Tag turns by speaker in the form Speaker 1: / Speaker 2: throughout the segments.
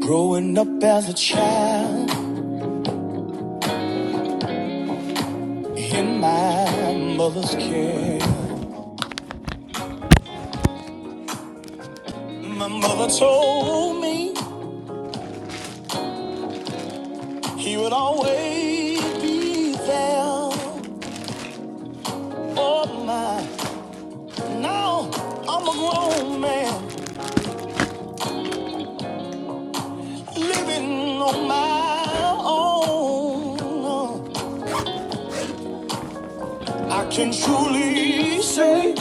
Speaker 1: Growing up as a child in my mother's care, my mother told me he would always be there for my. Now I'm a grown man living on my own. I can truly say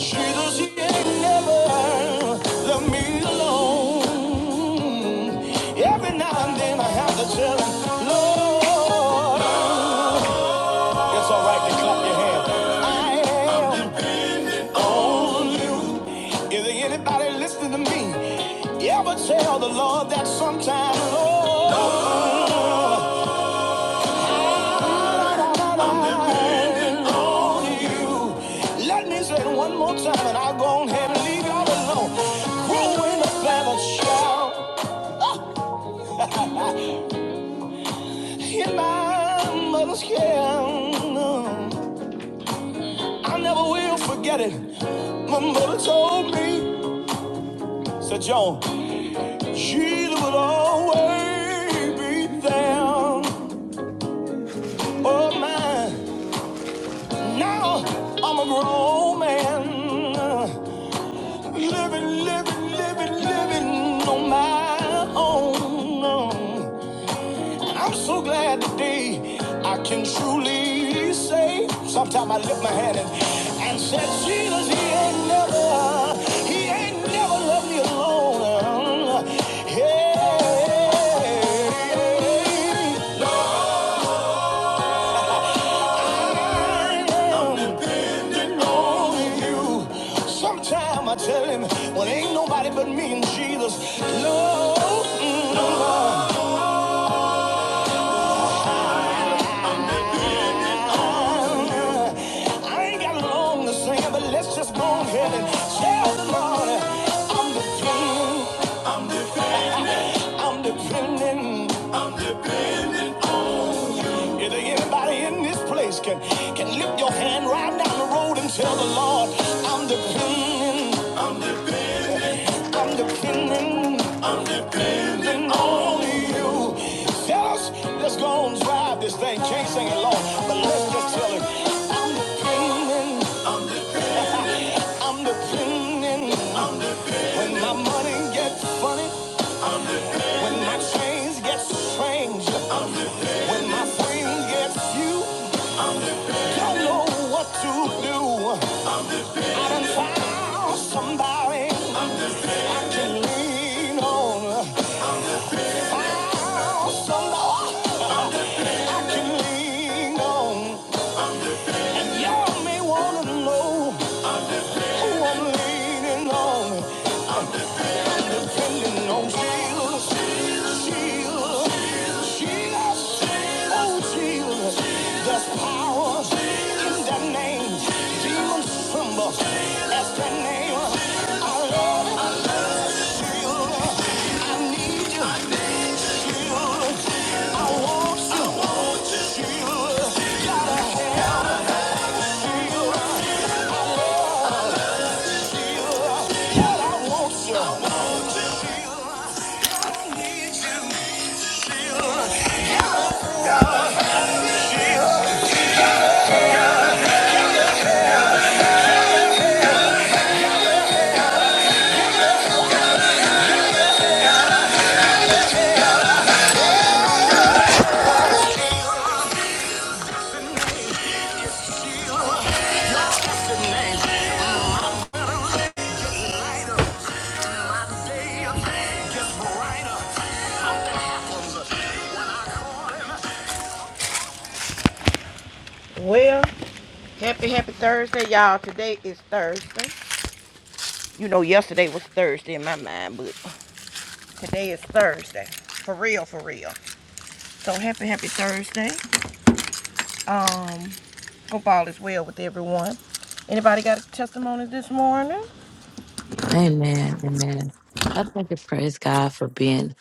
Speaker 1: She knows she ain't never left me alone. Every now and then I have to tell her, Lord, it's all right to clap your hands. I am on you. Is there anybody listening to me? You ever tell the Lord that sometime, Lord? on you. Let me say it one more time and I'll go ahead and leave y'all alone. Growing up as a child in my mother's care. I never will forget it. My mother told me, said John, she would always be there. Oh my, now I'm a grown man. Living, living, living, living on my own. And I'm so glad today I can truly say. Sometimes I lift my hand and, and said, Jesus, he ain't never, he ain't never left me alone. Hey. I'm depending on you. Sometime I tell him, well, ain't nobody but me and Jesus. Lord, mm, I ain't got long to sing, but let's just go ahead and tell the Lord I'm depending, I'm depending. Is there anybody in this place can can lift your hand right down the road and tell the Lord I'm depending? I'm depending, I'm depending on you. Tell us, let's go and drive this thing. Can't sing it long, but let's just tell it. I'm depending, I'm depending. When my money gets funny, when my chains get strange, when my friends get few, don't know what to do. I done found somebody I can lean on. Found somebody. oh Yeah, Well. Happy, happy Thursday, y'all. Today is Thursday. You know, yesterday was Thursday in my mind, but today is Thursday. For real, for real. So happy, happy Thursday. Um, hope all is well with everyone. Anybody got a testimony this morning?
Speaker 2: Amen. Amen. I thank and praise God for being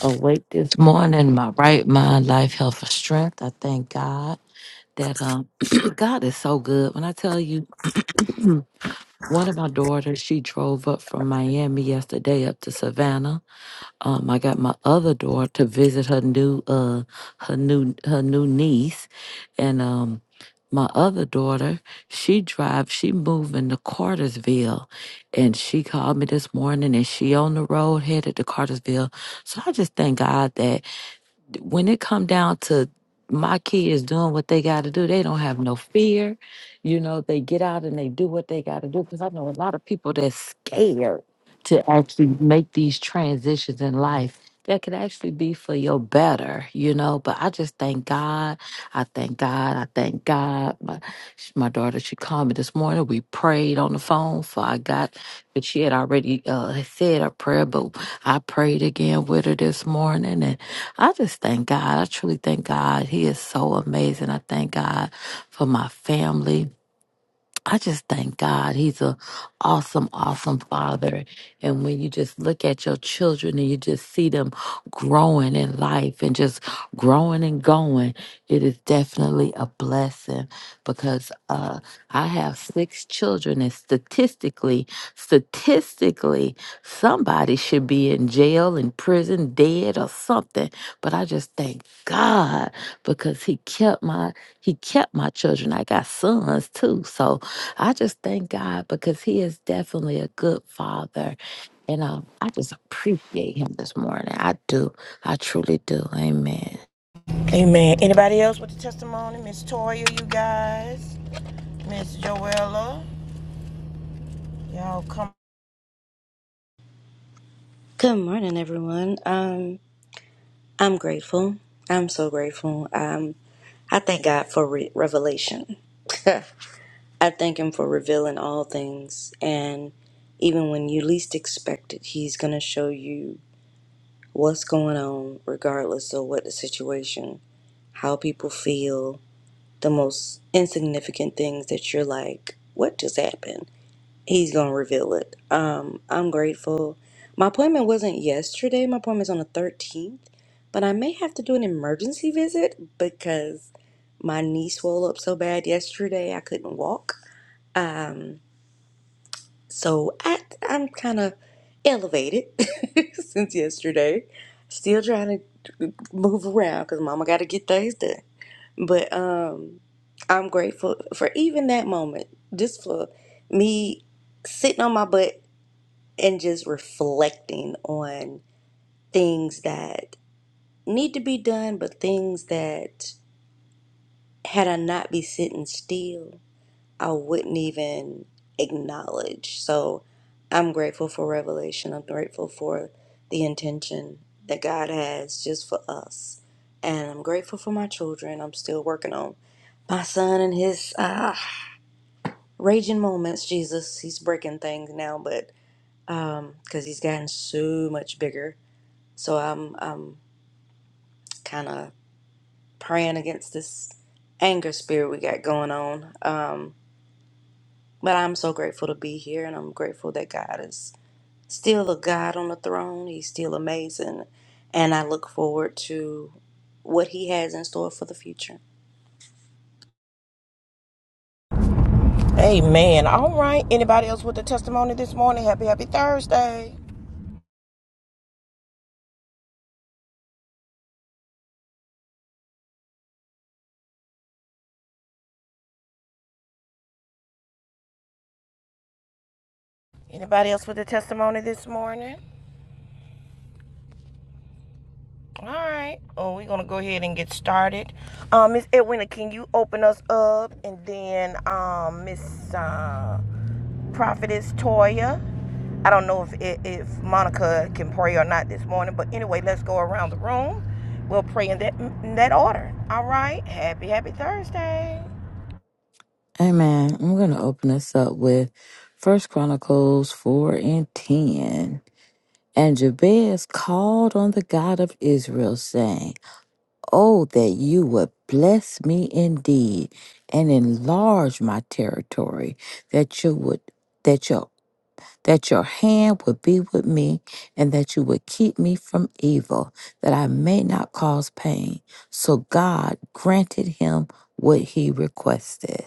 Speaker 2: awake this morning, my right mind, life, health, and strength. I thank God that um God is so good. When I tell you one of my daughters, she drove up from Miami yesterday up to Savannah um, I got my other daughter to visit her new uh her new her new niece, and um my other daughter she drives she moving to Cartersville, and she called me this morning and she on the road headed to Cartersville. So I just thank God that when it come down to my kids doing what they got to do, they don't have no fear. You know, they get out and they do what they got to do. Because I know a lot of people that's scared to actually make these transitions in life that could actually be for your better, you know. But I just thank God. I thank God. I thank God. My, sh- my daughter, she called me this morning. We prayed on the phone for I got, but she had already uh, said her prayer, but I prayed again with her this morning. I just thank God. I truly thank God. He is so amazing. I thank God for my family. I just thank God. He's a awesome, awesome father. And when you just look at your children and you just see them growing in life and just growing and going, it is definitely a blessing because uh, I have six children, and statistically, statistically, somebody should be in jail, in prison, dead, or something. But I just thank God because He kept my He kept my children. I got sons too, so I just thank God because He is definitely a good father. And um, I just appreciate Him this morning. I do. I truly do. Amen.
Speaker 1: Amen. Anybody else with a testimony? Miss Toya, you guys. Miss Joella. Y'all come. Amen. All right. Anybody else with a testimony this morning? Happy, happy Thursday. Anybody else with a testimony this morning? All right. Oh, we're gonna go ahead and get started. Um, Miss Edwina, can you open us up, and then um, Miss uh, Prophetess Toya. I don't know if if if Monica can pray or not this morning, but anyway, let's go around the room. We'll pray in that in that order. All right. Happy Happy Thursday.
Speaker 2: Amen. I'm going to open us up with First Chronicles 4 and 10. And Jabez called on the God of Israel, saying, Oh, that you would bless me indeed and enlarge my territory, that you would. That your that your hand would be with me and that you would keep me from evil, that I may not cause pain. So God granted him what he requested.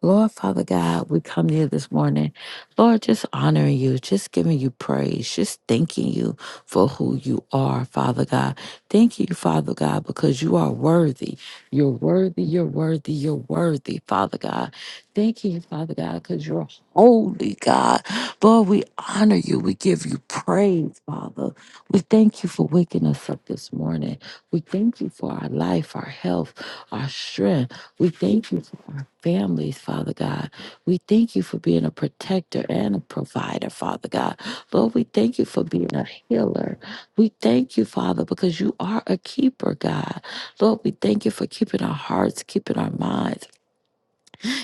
Speaker 2: Lord Father God, we come here this morning. Lord, just honoring you, just giving you praise, just thanking you for who you are, Father God. Thank you, Father God, because you are worthy. You're worthy, you're worthy, you're worthy, Father God. Thank you, Father God, because you're holy, God. Lord, we honor you. We give you praise, Father. We thank you for waking us up this morning. We thank you for our life, our health, our strength. We thank you for our families, Father God. We thank you for being a protector and a provider, Father God. Lord, we thank you for being a healer. We thank you, Father, because you are a keeper, God. Lord, we thank you for keeping our hearts, keeping our minds,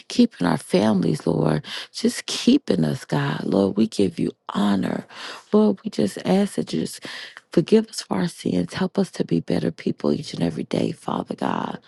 Speaker 2: keeping our families, Lord. Just keeping us, God. Lord, we give you honor. Lord, we just ask that you just forgive us for our sins. Help us to be better people each and every day, Father God.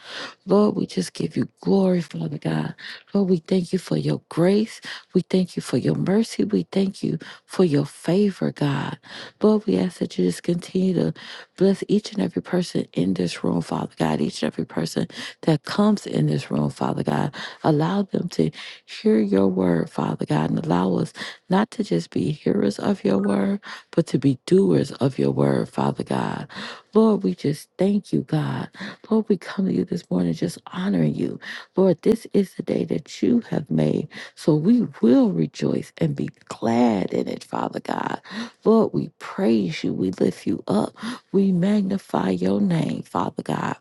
Speaker 2: Lord, we just give you glory, Father God. Lord, we thank you for your grace. We thank you for your mercy. We thank you for your favor, God. Lord, we ask that you just continue to bless each and every person in this room, Father God, each and every person that comes in this room, Father God. Allow them to hear your word, Father God, and allow us not to just be hearers of your word, but to be doers of your word, Father God. Lord, we just thank you, God. Lord, we come to you this morning just honoring you. Lord, this is the day that you have made. So we will rejoice and be glad in it, Father God. Lord, we praise you. We lift you up. We magnify your name, Father God.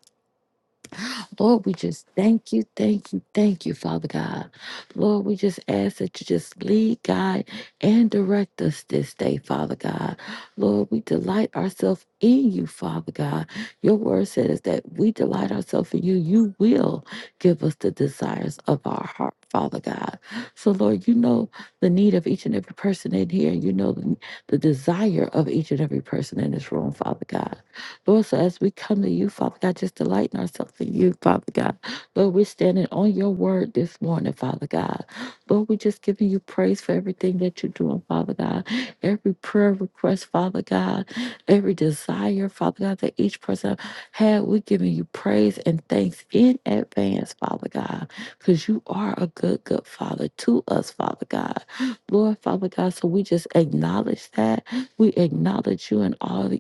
Speaker 2: Lord, we just thank you, thank you, thank you, Father God. Lord, we just ask that you just lead, guide, and direct us this day, Father God. Lord, we delight ourselves in you, Father God. Your word says that we delight ourselves in you. You will give us the desires of our heart, Father God. So, Lord, you know the need of each and every person in here, and you know the, the desire of each and every person in this room, Father God. Lord, so as we come to you, Father God, just delighting ourselves in you, Father God. Lord, we're standing on your word this morning, Father God. Lord, we're just giving you praise for everything that you're doing, Father God. Every prayer request, Father God, every desire, Father God, that each person had, we're giving you praise and thanks in advance, Father God, because you are a good, good Father to us, Father God. Lord, Father God, so we just acknowledge that. We acknowledge you in all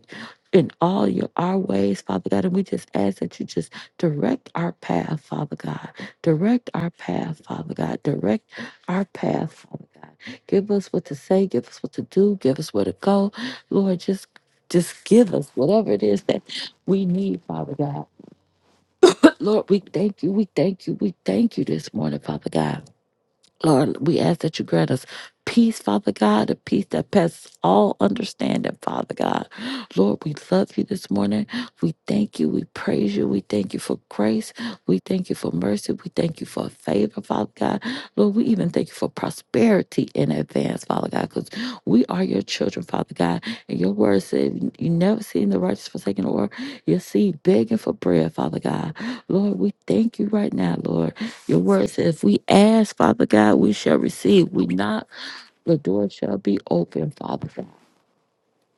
Speaker 2: in all your our ways, Father God. And we just ask that you just direct our path, Father God. Direct our path, Father God. Direct our path, Father God. Give us what to say, give us what to do, give us where to go. Lord, just just give us whatever it is that we need, Father God. But Lord, we thank you, we thank you, we thank you this morning, Father God. Lord, we ask that you grant us peace, Father God, a peace that passes all understanding, Father God. Lord, we love you this morning. We thank you. We praise you. We thank you for grace. We thank you for mercy. We thank you for favor, Father God. Lord, we even thank you for prosperity in advance, Father God, because we are your children, Father God. And your word said you never seen the righteous forsaken or your seed begging for bread, Father God. Lord, we thank you right now, Lord. Your word says, if we ask, Father God, we shall receive. We knock, the door shall be open, Father God.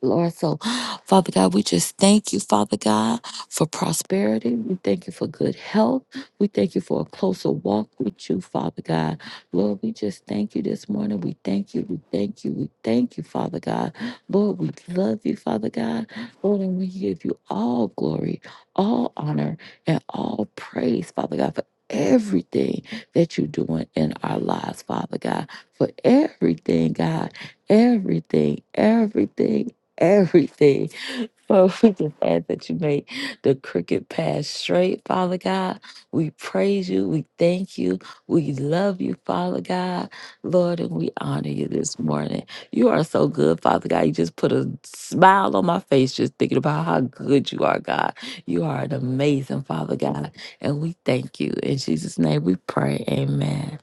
Speaker 2: Lord. So, Father God, we just thank you, Father God, for prosperity. We thank you for good health. We thank you for a closer walk with you, Father God. Lord, we just thank you this morning. We thank you. We thank you. We thank you, Father God. Lord, we love you, Father God. Lord, and we give you all glory, all honor, and all praise, Father God, for everything that you're doing in our lives, Father God, for everything, God, everything, everything everything. But we just ask that you make the crooked path straight, Father God. We praise you. We thank you. We love you, Father God. Lord, and we honor you this morning. You are so good, Father God. You just put a smile on my face just thinking about how good you are, God. You are an amazing Father God. And we thank you. In Jesus' name we pray. Amen.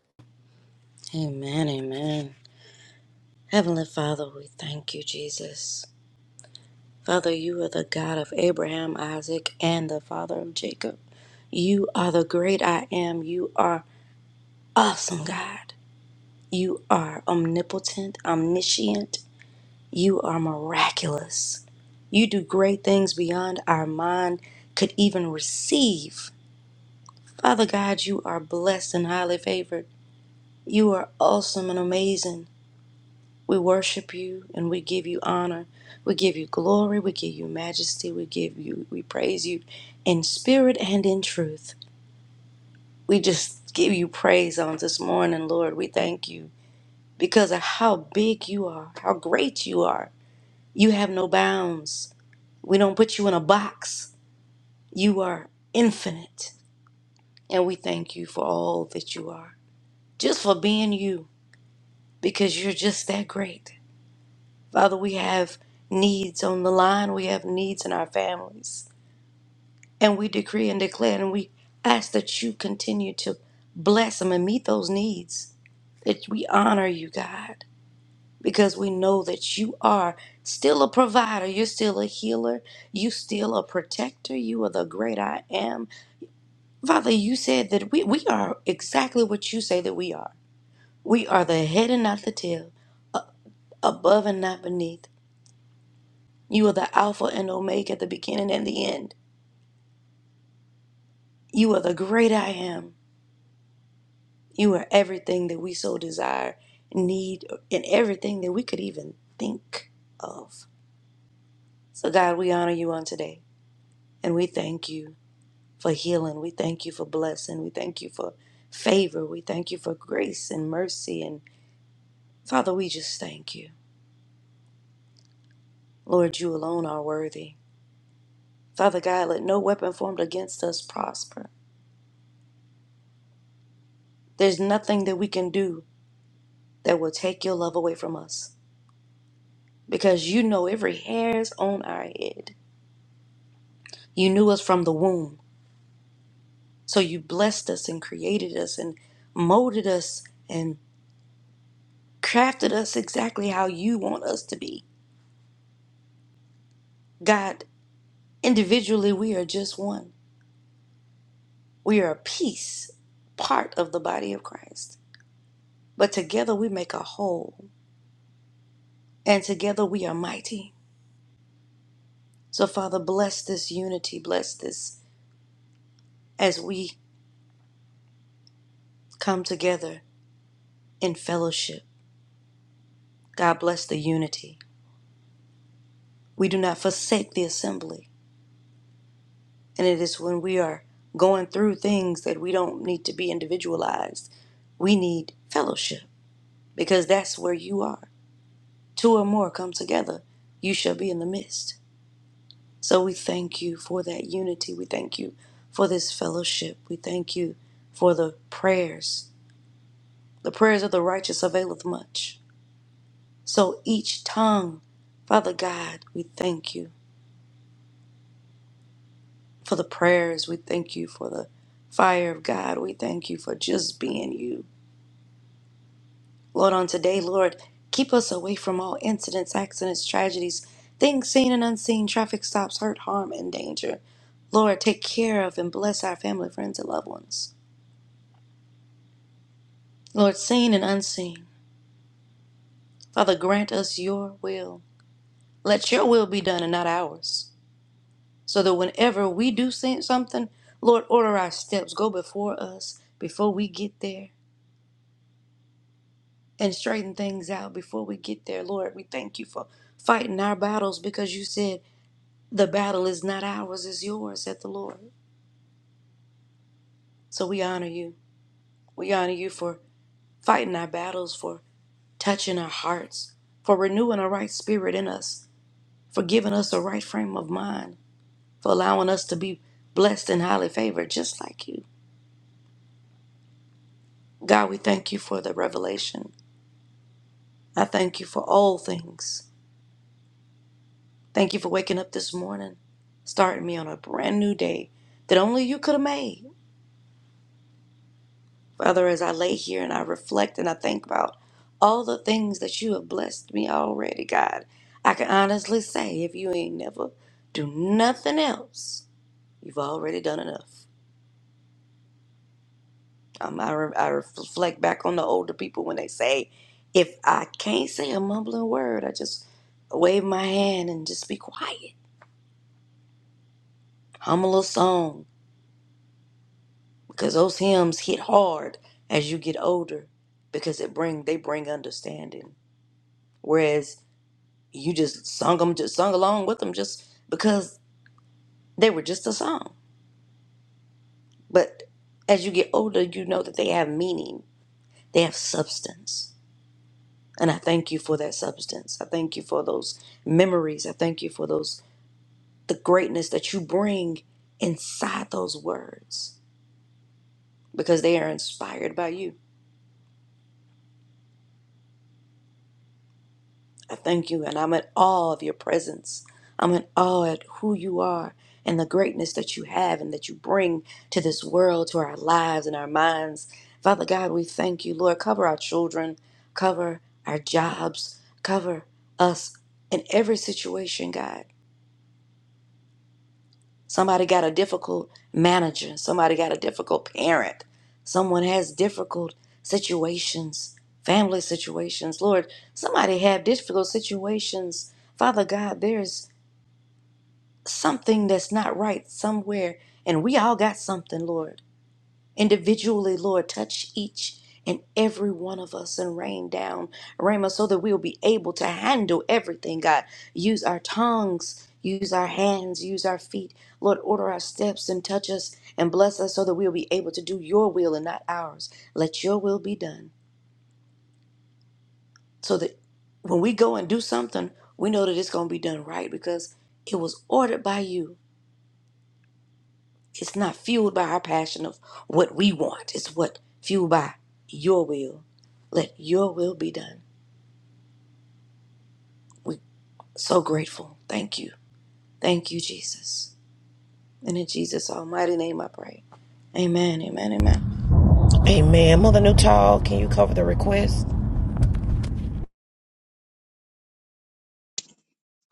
Speaker 1: Amen. Mother Newtall, can you cover the request?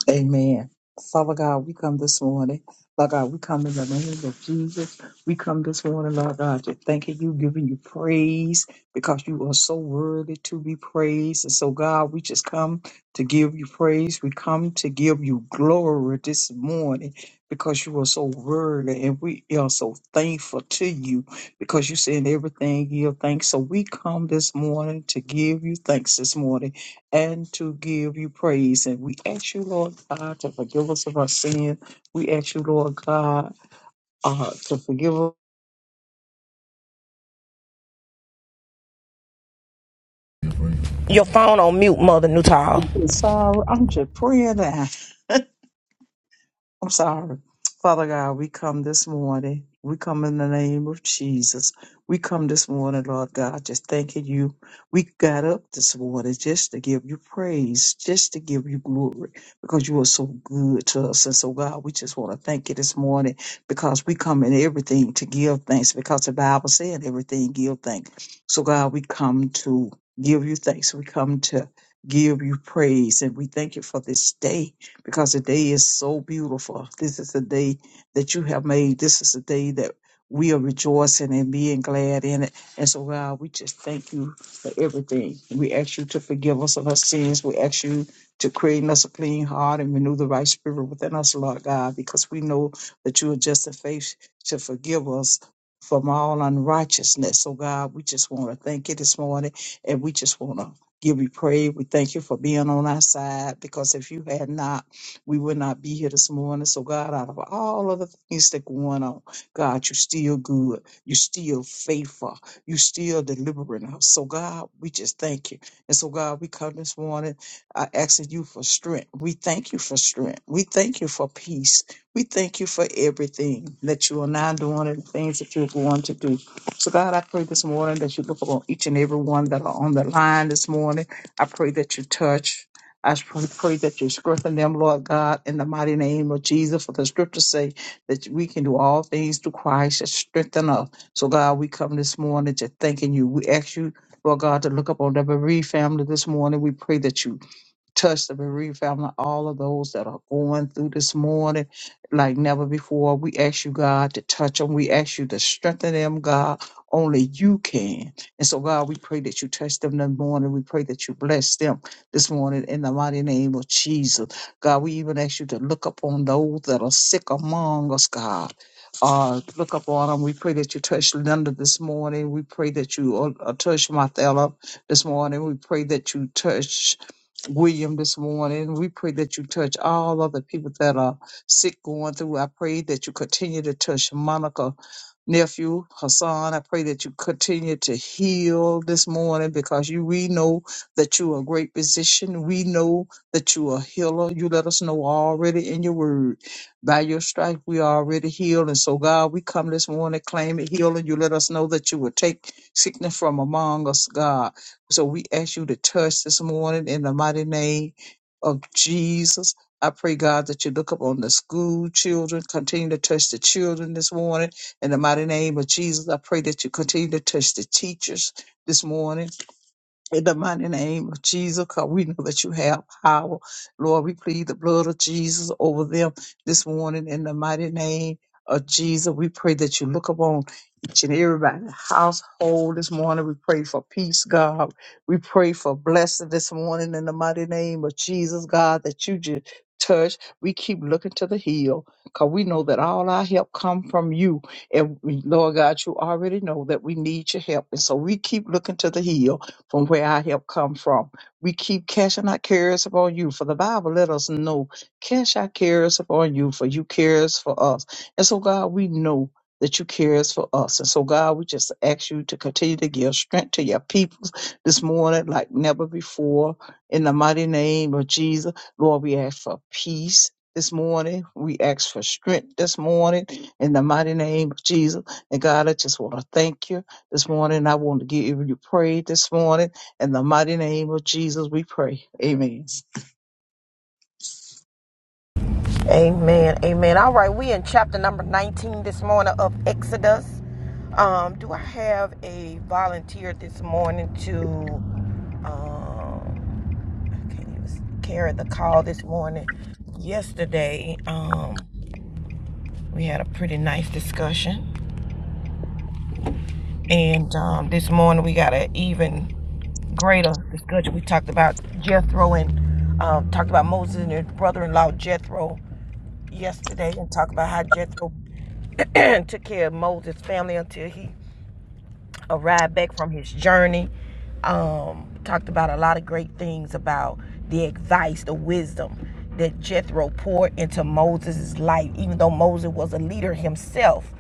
Speaker 3: Amen. Father God, we come this morning. Lord God, we come in the name of Jesus. We come this morning, Lord God, just thanking you, giving you praise because you are so worthy to be praised. And so, God, we just come to give you praise. We come to give you glory this morning because you are so worthy and we are so thankful to you because you said in everything give thanks. So we come this morning to give you thanks this morning and to give you praise. And we ask you, Lord God, to forgive us of our sin. We ask you, Lord God, uh, to forgive us.
Speaker 1: Your phone on mute, Mother Newtall.
Speaker 3: I'm sorry. I'm just praying now. I'm sorry. Father God, we come this morning. We come in the name of Jesus. We come this morning, Lord God, just thanking you. We got up this morning just to give you praise, just to give you glory, because you are so good to us. And so, God, we just want to thank you this morning because we come in everything to give thanks, because the Bible said everything give thanks. So, God, we come to give you thanks. We come to give you praise, and we thank you for this day because the day is so beautiful. This is the day that you have made. This is the day that we are rejoicing and being glad in it. And so, God, we just thank you for everything. We ask you to forgive us of our sins. We ask you to create in us a clean heart and renew the right spirit within us, Lord God, because we know that you are just in faith to forgive us from all unrighteousness. So, God, we just want to thank you this morning and we just want to give you praise. We thank you for being on our side because if you had not, we would not be here this morning. So, God, out of all of the things that go on, God, you're still good. You're still faithful. You're still delivering us. So, God, we just thank you. And so, God, we come this morning uh, asking you for strength. We thank you for strength. We thank you for peace. We thank you for everything that you are now doing and things that you're going to do. So, God, I pray this morning that you look upon each and every one that are on the line this morning. I pray that you touch. I pray that you strengthen them, Lord God, in the mighty name of Jesus. For the scriptures say that we can do all things through Christ that strengthen us. So, God, we come this morning to thanking you. We ask you, Lord God, to look up on the bereaved family this morning. We pray that you touch the bereaved family, all of those that are going through this morning like never before. We ask you, God, to touch them. We ask you to strengthen them, God. Only you can. And so, God, we pray that you touch them this morning. We pray that you bless them this morning in the mighty name of Jesus. God, we even ask you to look upon those that are sick among us, God. Uh, look upon them. We pray that you touch Linda this morning. We pray that you uh, uh, touch Mathella this morning. We pray that you touch William this morning. We pray that you touch all other people that are sick going through. I pray that you continue to touch Monica nephew Hassan. I pray that you continue to heal this morning because you we know that you are a great physician. We know that you are a healer. You let us know already in your word. By your stripe, we are already healed. And so, God, we come this morning claiming healing. You let us know that you will take sickness from among us, God. So we ask you to touch this morning in the mighty name of Jesus. I pray, God, that you look up on the school children, continue to touch the children this morning in the mighty name of Jesus, I pray that you continue to touch the teachers this morning. In the mighty name of Jesus, because we know that you have power. Lord, we plead the blood of Jesus over them this morning. In the mighty name of Jesus, we pray that you look upon each and everybody's household this morning. We pray for peace, God. We pray for blessing this morning in the mighty name of Jesus, God, that you just touch. We keep looking to the hill because we know that all our help come from you. And we, Lord God, you already know that we need your help. And so we keep looking to the hill from where our help come from. We keep casting our cares upon you, for the Bible let us know, cast our cares upon you, for you cares for us. And so, God, we know that you cares for us. And so, God, we just ask you to continue to give strength to your people this morning like never before. In the mighty name of Jesus, Lord, we ask for peace. This morning, we ask for strength this morning in the mighty name of Jesus. And God, I just want to thank you this morning. I want to give you praise this morning. In the mighty name of Jesus, we pray. Amen.
Speaker 1: Amen. Amen. All right, we in chapter number 19 this morning of Exodus. Um, do I have a volunteer this morning to um I can't even carry the call this morning. Yesterday, um, we had a pretty nice discussion. And um this morning we got an even greater discussion. We talked about Jethro and um talked about Moses and his brother in law Jethro yesterday and talked about how Jethro took care of Moses' family until he arrived back from his journey. Um, talked about a lot of great things about the advice, the wisdom that Jethro poured into Moses' life. Even though Moses was a leader himself,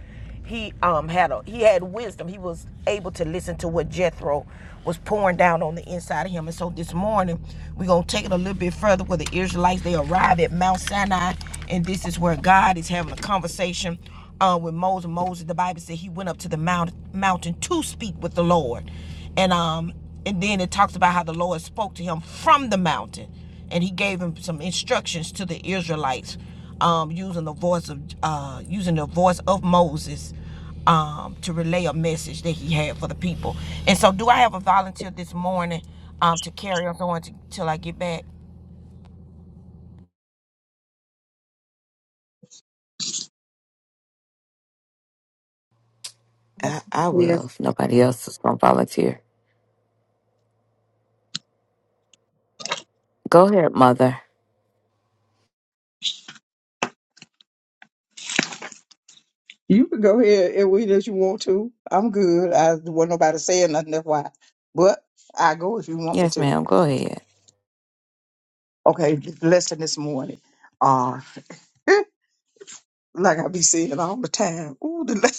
Speaker 1: he um, had a, he had wisdom. He was able to listen to what Jethro was pouring down on the inside of him. And so this morning, we're gonna take it a little bit further where the Israelites they arrive at Mount Sinai, and this is where God is having a conversation uh, with Moses. Moses, the Bible said he went up to the mount, mountain to speak with the Lord, and um, and then it talks about how the Lord spoke to him from the mountain, and he gave him some instructions to the Israelites, um, using the voice of uh, using the voice of Moses, um, to relay a message that he had for the people. And so, do I have a volunteer this morning um, to carry us on till I get back?
Speaker 2: I, I
Speaker 3: Yes.
Speaker 2: will if nobody else is going to volunteer. Go ahead, Mother.
Speaker 3: You can go ahead and read as you want to. I'm good. I wasn't nobody saying nothing. That's why. But I go if you want me
Speaker 2: Yes,
Speaker 3: to.
Speaker 2: ma'am. Go ahead.
Speaker 3: Okay, the lesson this morning. Uh, like I be saying all the time. Ooh, the.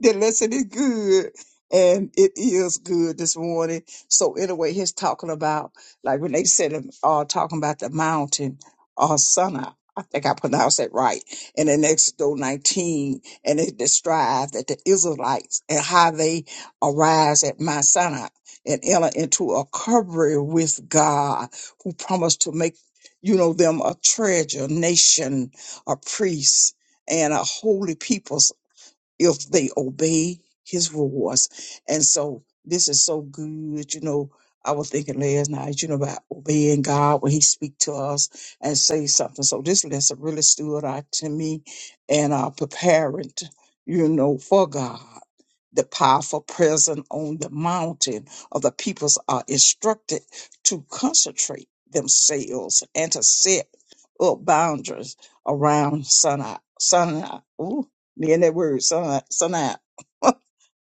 Speaker 3: the lesson is good and it is good this morning so anyway he's talking about like when they said um, uh talking about the mountain uh Sinai. I think I pronounced that right. And in Exodus 19, and it describes that the Israelites and how they arise at Mount Sinai and enter into a covering with God who promised to make, you know, them a treasure nation, a priest, and a holy people if they obey his rules. And so this is so good, you know. I was thinking last night, you know, about obeying God when He speak to us and say something. So this lesson really stood out to me and uh preparing, you know, for God the powerful presence on the mountain of the peoples are instructed to concentrate themselves and to set up boundaries around Sinai. Sinai. Ooh, me and that word, Sinai. Sinai.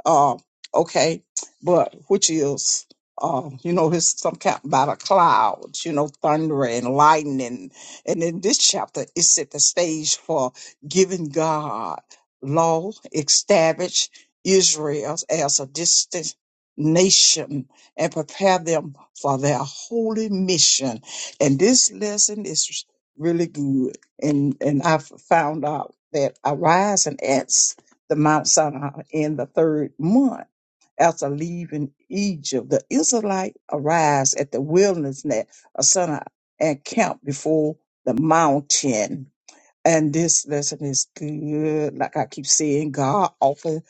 Speaker 3: Uh, okay, but which is, uh, you know, it's some kind about a cloud, you know, thunder and lightning. And in this chapter, it set the stage for giving God law, establish Israel as a distant nation and prepare them for their holy mission. And this lesson is really good. And and I found out that arise and act the Mount Sinai in the third month. After leaving Egypt, the Israelite arrives at the wilderness net of Sinai and camp before the mountain and this lesson is good. Like I keep saying, God often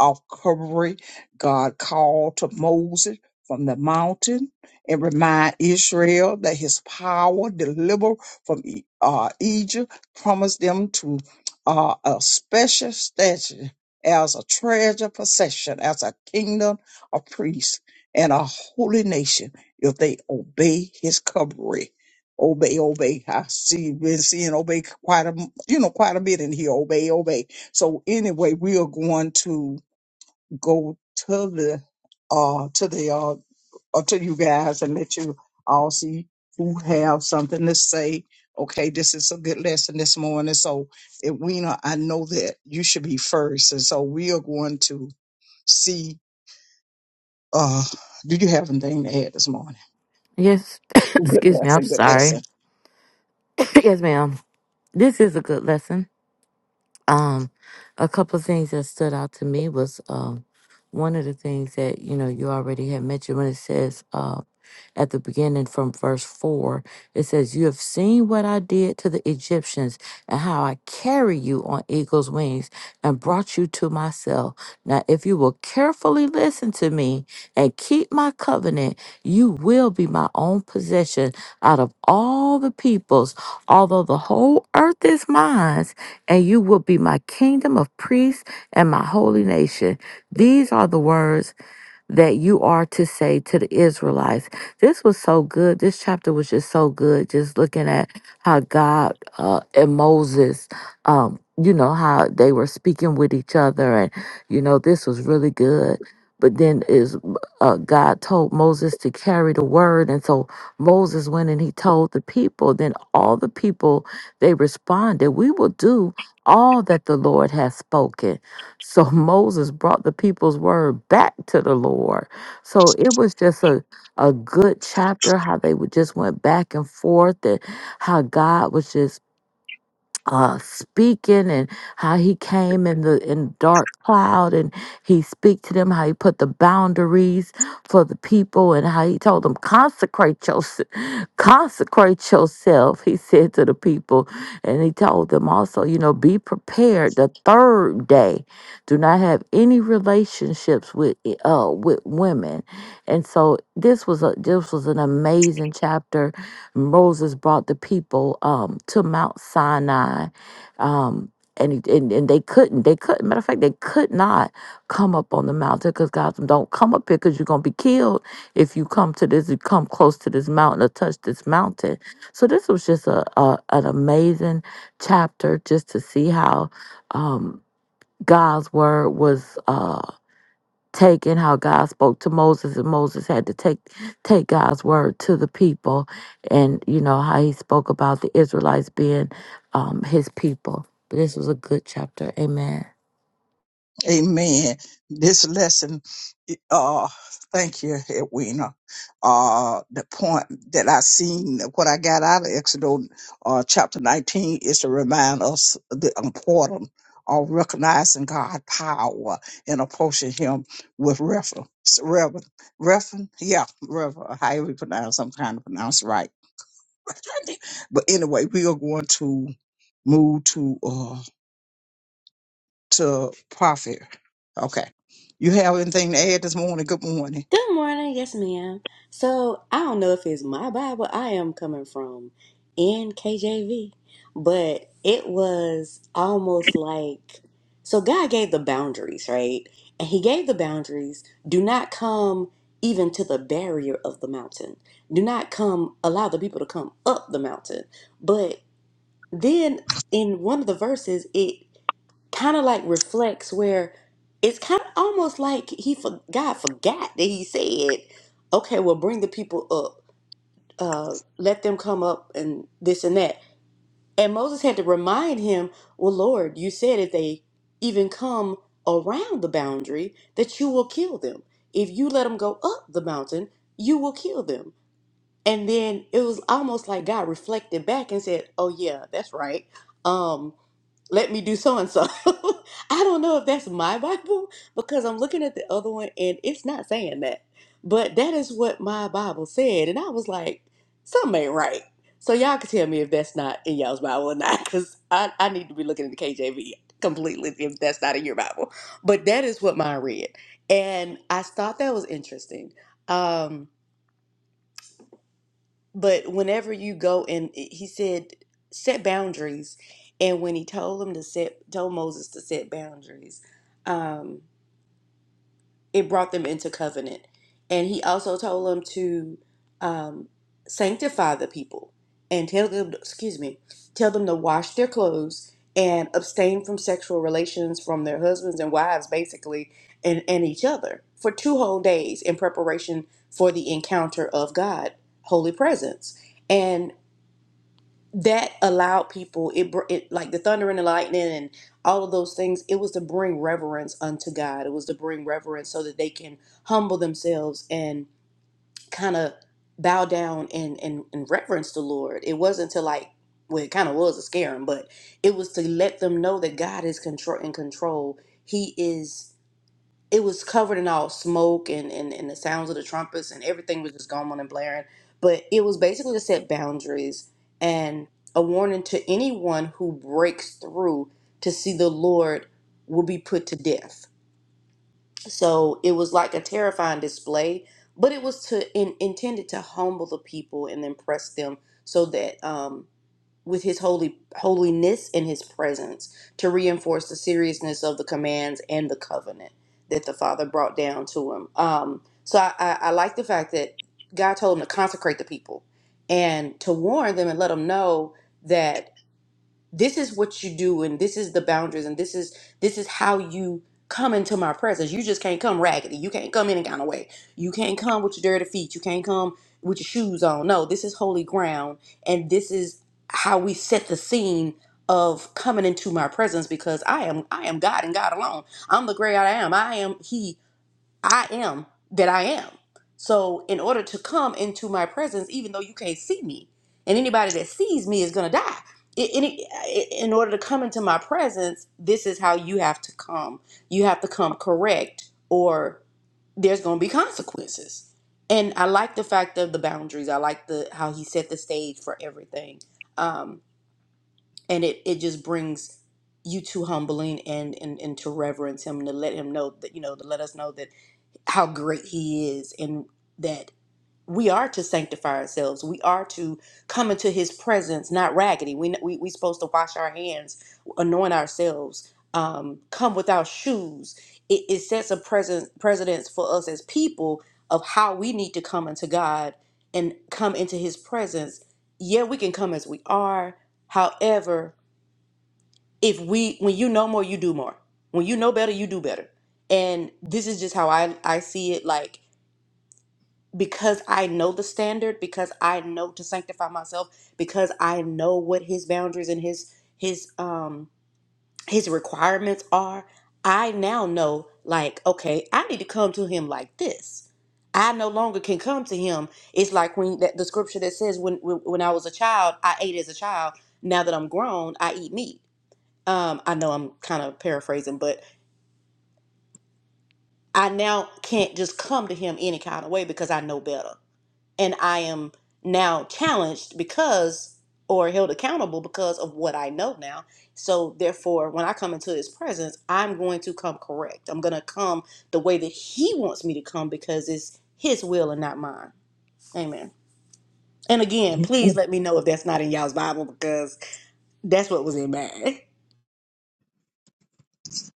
Speaker 3: off Calvary, God called to Moses from the mountain and remind Israel that his power deliver from E- uh, Egypt, promised them to uh, a special statue as a treasure possession, as a kingdom of priests and a holy nation if they obey his covering obey, obey. I see been seeing obey quite a you know quite a bit in here. Obey, obey. So anyway, we are going to go to the uh to the uh or to you guys and let you all see who have something to say. Okay, this is a good lesson this morning. So Edwina, I know that you should be first, and so we are going to see. Uh, do you have anything to add this morning?
Speaker 2: Yes,
Speaker 3: Good
Speaker 2: excuse me. I'm
Speaker 3: lesson, good lesson.
Speaker 2: sorry. yes, ma'am. This is a good lesson. Um, a couple of things that stood out to me was um, one of the things that you know you already had mentioned when it says um, at the beginning from verse 4. It says, You have seen what I did to the Egyptians and how I carry you on eagle's wings and brought you to myself. Now, if you will carefully listen to me and keep my covenant, you will be my own possession out of all the peoples, although the whole earth is mine, and you will be my kingdom of priests and my holy nation. These are the words that you are to say to the Israelites. This was so good. This chapter was just so good. Just looking at how God uh, and Moses, um, you know, how they were speaking with each other. And, you know, this was really good. But then is uh, God told Moses to carry the word, and so Moses went and he told the people. Then all the people they responded, "We will do all that the Lord has spoken." So Moses brought the people's word back to the Lord. So it was just a, a good chapter, how they would just went back and forth and how God was just uh, speaking and how he came in the in dark cloud and he speak to them how he put the boundaries for the people and how he told them consecrate yourself consecrate yourself he said to the people and he told them also you know be prepared the third day do not have any relationships with eh, uh with women and so this was a this was an amazing chapter Moses brought the people um, to Mount Sinai, um, and, he, and and they couldn't. They couldn't. Matter of fact, they could not come up on the mountain because God said, "Don't come up here because you're gonna be killed if you come to this. You come close to this mountain or touch this mountain." So this was just a, a an amazing chapter just to see how um, God's word was. Uh, taking how God spoke to Moses and Moses had to take take God's word to the people and you know how he spoke about the Israelites being um his people. But this was a good chapter. Amen.
Speaker 3: Amen. This lesson, uh, thank you, Edwina. Uh, the point that I seen, what I got out of Exodus, uh, chapter 19 is to remind us the importance of recognizing God's power and approaching Him with reverence. Reverence. Reverence. Yeah, reverence. However you pronounce, I'm trying to pronounce it right. but anyway, we are going to move to, uh, to profit. Okay. You have anything to add this morning? Good morning.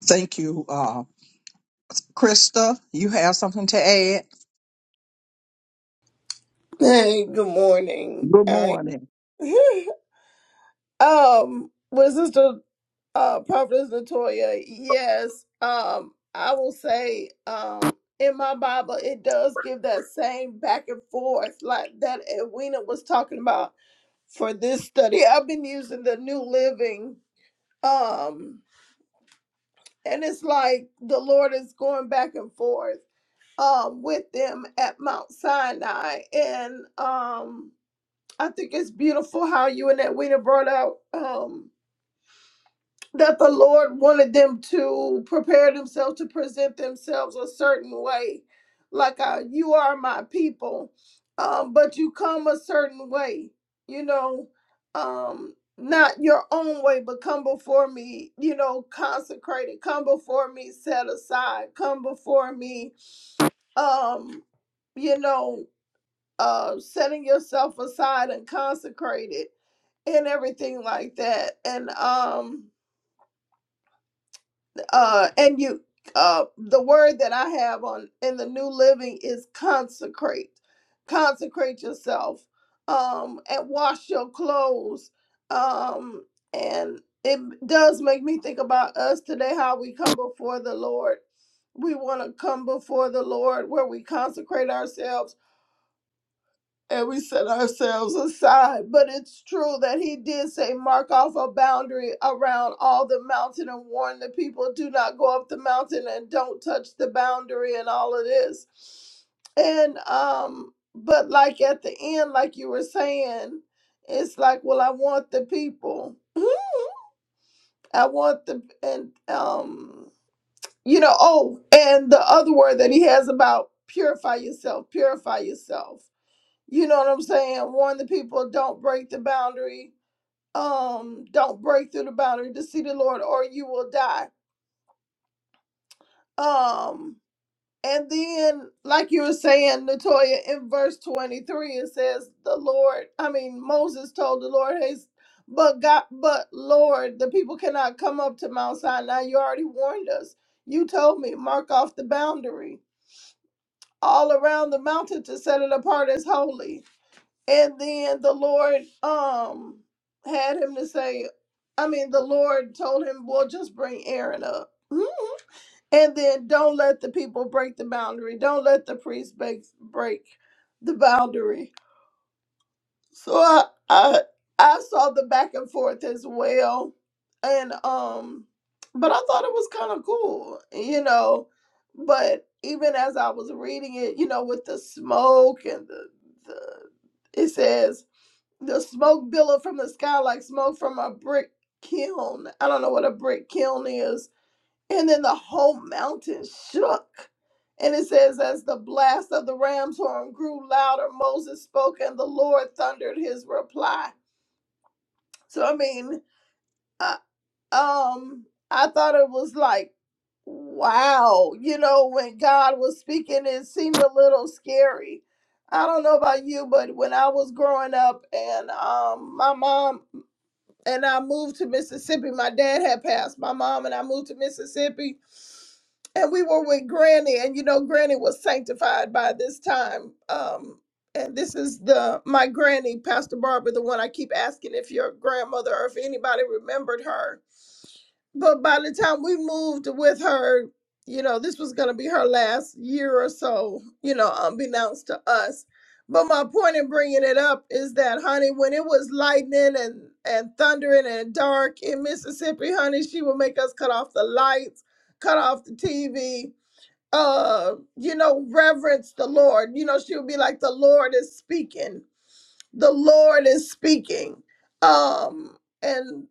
Speaker 3: Thank you. Uh, Krista, you have something to add?
Speaker 4: Hey, good morning.
Speaker 3: Good
Speaker 4: I
Speaker 3: morning.
Speaker 4: um with sister uh prophetess Natoya, yes. Um I will say um in my Bible it does give that same back and forth like that Edwina was talking about for this study. I've been using the New Living um and it's like the Lord is going back and forth um with them at Mount Sinai and um I think it's beautiful how you and that Edwina brought out um, that the Lord wanted them to prepare themselves to present themselves a certain way, like uh, you are my people, um, but you come a certain way, you know, um, not your own way, but come before me, you know, consecrated, come before me, set aside, come before me, um, you know, uh, setting yourself aside and consecrated and everything like that and um uh and you uh the word that i have on in the new living is consecrate consecrate yourself um and wash your clothes um and it does make me think about us today how we come before the lord we want to come before the lord where we consecrate ourselves and we set ourselves aside. But it's true that he did say, mark off a boundary around all the mountain and warn the people, do not go up the mountain and don't touch the boundary and all of this. And um, but like at the end, like you were saying, it's like, well, I want the people. I want the and um you know oh and the other word that he has about purify yourself purify yourself you know what i'm saying warn the people don't break the boundary um don't break through the boundary to see the lord or you will die um and then like you were saying natoya in verse 23 it says the lord i mean moses told the lord hey but god but lord the people cannot come up to mount sinai you already warned us you told me mark off the boundary all around the mountain to set it apart as holy and then the lord um had him to say i mean the lord told him well just bring aaron up Hmm. and then don't let the people break the boundary don't let the priest break, break the boundary so I, I i saw the back and forth as well and um but i thought it was kind of cool you know but even as i was reading it you know with the smoke and the the it says the smoke billowed from the sky like smoke from a brick kiln. I don't know what a brick kiln is. And then the whole mountain shook. And it says, as the blast of the ram's horn grew louder, Moses spoke, and the Lord thundered his reply. So I mean, uh, um, I thought it was like, wow, you know, when God was speaking, it seemed a little scary. I don't know about you, but when I was growing up, and um, my mom and I moved to Mississippi. My dad had passed my mom, and I moved to Mississippi. And we were with Granny, and you know, Granny was sanctified by this time. Um, and this is the my granny, Pastor Barbara, the one I keep asking if your grandmother or if anybody remembered her but by the time we moved with her, you know, this was going to be her last year or so, you know, unbeknownst to us. But my point in bringing it up is that, honey, when it was lightning and, and thundering and dark in Mississippi, honey, she would make us cut off the lights, cut off the TV, uh, you know, reverence the Lord. You know, she would be like, the Lord is speaking. The Lord is speaking. Um, and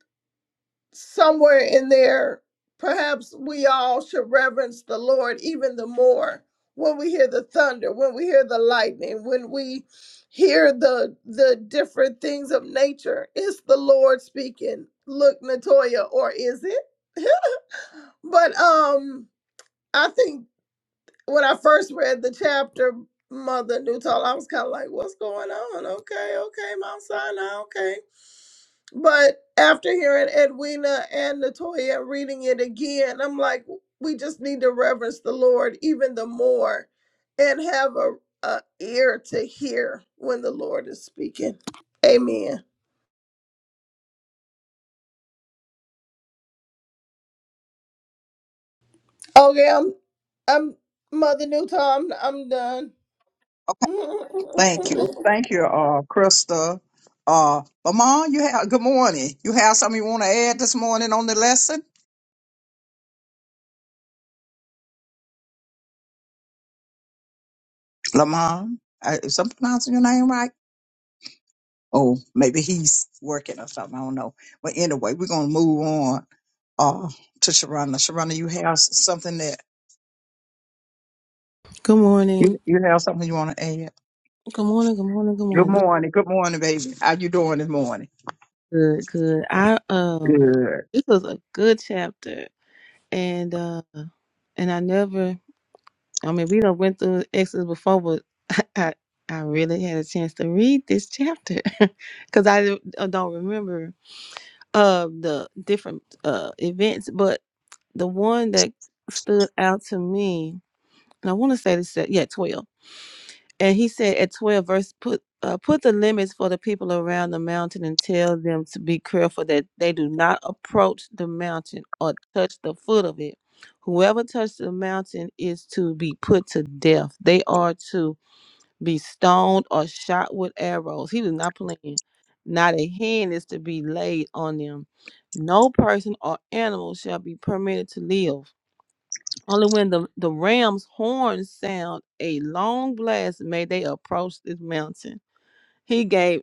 Speaker 4: somewhere in there, perhaps we all should reverence the Lord even the more when we hear the thunder, when we hear the lightning, when we hear the the different things of nature. Is the Lord speaking? Look, Natoya, or is it? But um, I think when I first read the chapter, Mother Newtall, I was kind of like, "What's going on?" Okay, okay, Mount Sinai. Okay, but after hearing Edwina and Latoya reading it again, I'm like, we just need to reverence the Lord even the more and have a, a ear to hear when the Lord is speaking. Amen. Okay, I'm I'm Mother Newton, I'm, I'm done.
Speaker 3: Okay. Thank you. Thank you, uh, Krista. Uh, Lamont, you have, good morning. You have something you want to add this morning on the lesson? Lamont, I- is I'm pronouncing your name right? Oh, maybe he's working or something. I don't know. But anyway, we're going to move on, uh, to Sharonda. Sharonda, you have something that
Speaker 5: Good
Speaker 3: You,
Speaker 5: morning.
Speaker 3: you have something you want to add?
Speaker 5: Good morning. Good morning. Good
Speaker 3: Good
Speaker 5: morning. This is
Speaker 3: morning. Good morning, baby. How you doing this morning?
Speaker 5: good. Good. I um
Speaker 3: Good.
Speaker 5: this was a good chapter. And uh and I never I mean we done went through Exodus before, but I I really had a chance to read this chapter because I don't I don't remember uh the different uh events, but the one that stood out to me, and I want to say this, yeah, twelve. And he said at 12 verse, put uh, put the limits for the people around the mountain and tell them to be careful that they do not approach the mountain or touch the foot of it. Whoever touches the mountain is to be put to death. They are to be stoned or shot with arrows. He was not playing. Not a hand is to be laid on them. No person or animal shall be permitted to live. Only when the, the ram's horn sound a long blast may they approach this mountain. He gave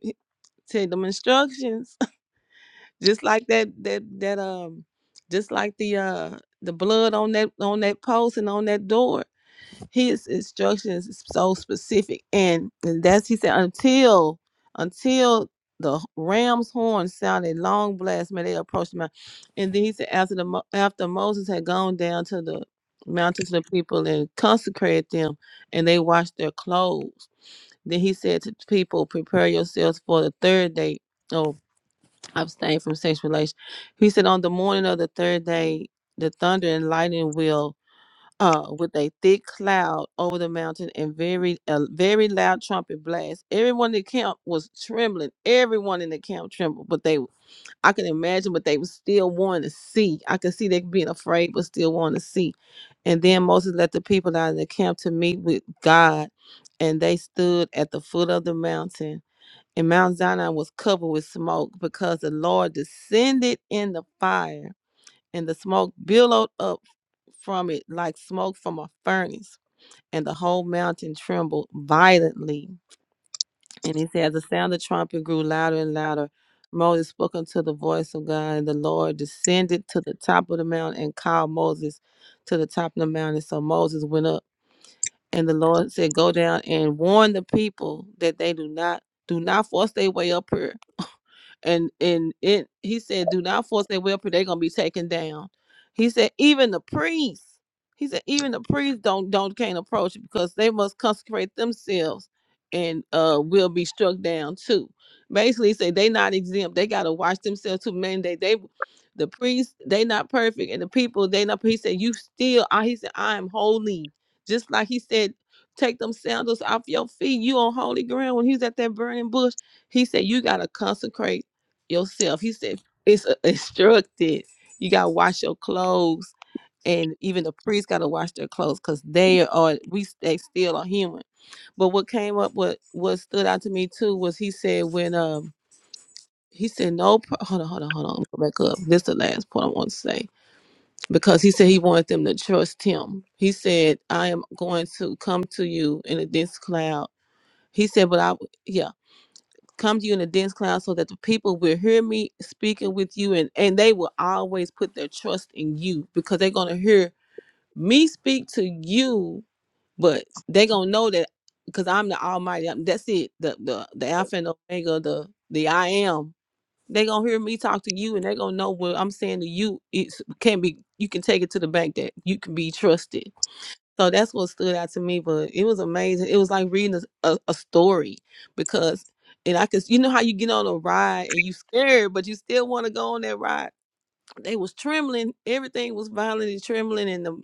Speaker 5: to them instructions, just like that that that um, just like the uh the blood on that on that post and on that door his instructions is so specific and, and that's he said until until the ram's horn sounded long blast may they approached the mountain and then he said after the Mo- after moses had gone down to the mountain to the people and consecrated them and they washed their clothes then he said to the people prepare yourselves for the third day oh abstain from sexual relations. he said on the morning of the third day the thunder and lightning will uh, with a thick cloud over the mountain and very a very loud trumpet blast. Everyone in the camp was trembling. Everyone in the camp trembled, but they I can imagine, but they was still wanting to see. I could see they being afraid, but still wanting to see. And then Moses let the people out of the camp to meet with God, and they stood at the foot of the mountain. And Mount Zion was covered with smoke because the Lord descended in the fire, and the smoke billowed up from it like smoke from a furnace, and the whole mountain trembled violently. And he said, As the sound of the trumpet grew louder and louder, Moses spoke unto the voice of God, and the Lord descended to the top of the mountain and called Moses to the top of the mountain. So Moses went up, and the Lord said, Go down and warn the people that they do not do not force their way up here and and it he said do not force their will for they're gonna be taken down he said even the priests he said even the priests don't don't can't approach it because they must consecrate themselves and uh will be struck down too basically he said they not exempt they gotta watch themselves to mandate they they the priests they not perfect and the people they not he said you still I he said i am holy just like he said take them sandals off your feet you on holy ground when he was at that burning bush he said you gotta consecrate yourself. He said it's uh, instructed. You gotta wash your clothes, and even the priests gotta wash their clothes because they are we they still are human. But what came up, what what stood out to me too, was he said when um he said no. pr- Hold on, hold on, hold on. Let me Go back up. This is the last point I want to say because he said he wanted them to trust him. He said I am going to come to you in a dense cloud. He said, but I yeah come to you in a dense cloud so that the people will hear me speaking with you and and they will always put their trust in you because they're going to hear me speak to you but they're going to know that because i'm the almighty I'm- that's it the the the alpha and omega the the i am they're going to hear me talk to you and they're going to know what i'm saying to you it can be you can take it to the bank that you can be trusted so that's what stood out to me. But it was amazing. It was like reading a, a, a story because, and I could, you know how you get on a ride and you scared, but you still want to go on that ride. They was trembling. Everything was violently trembling, and the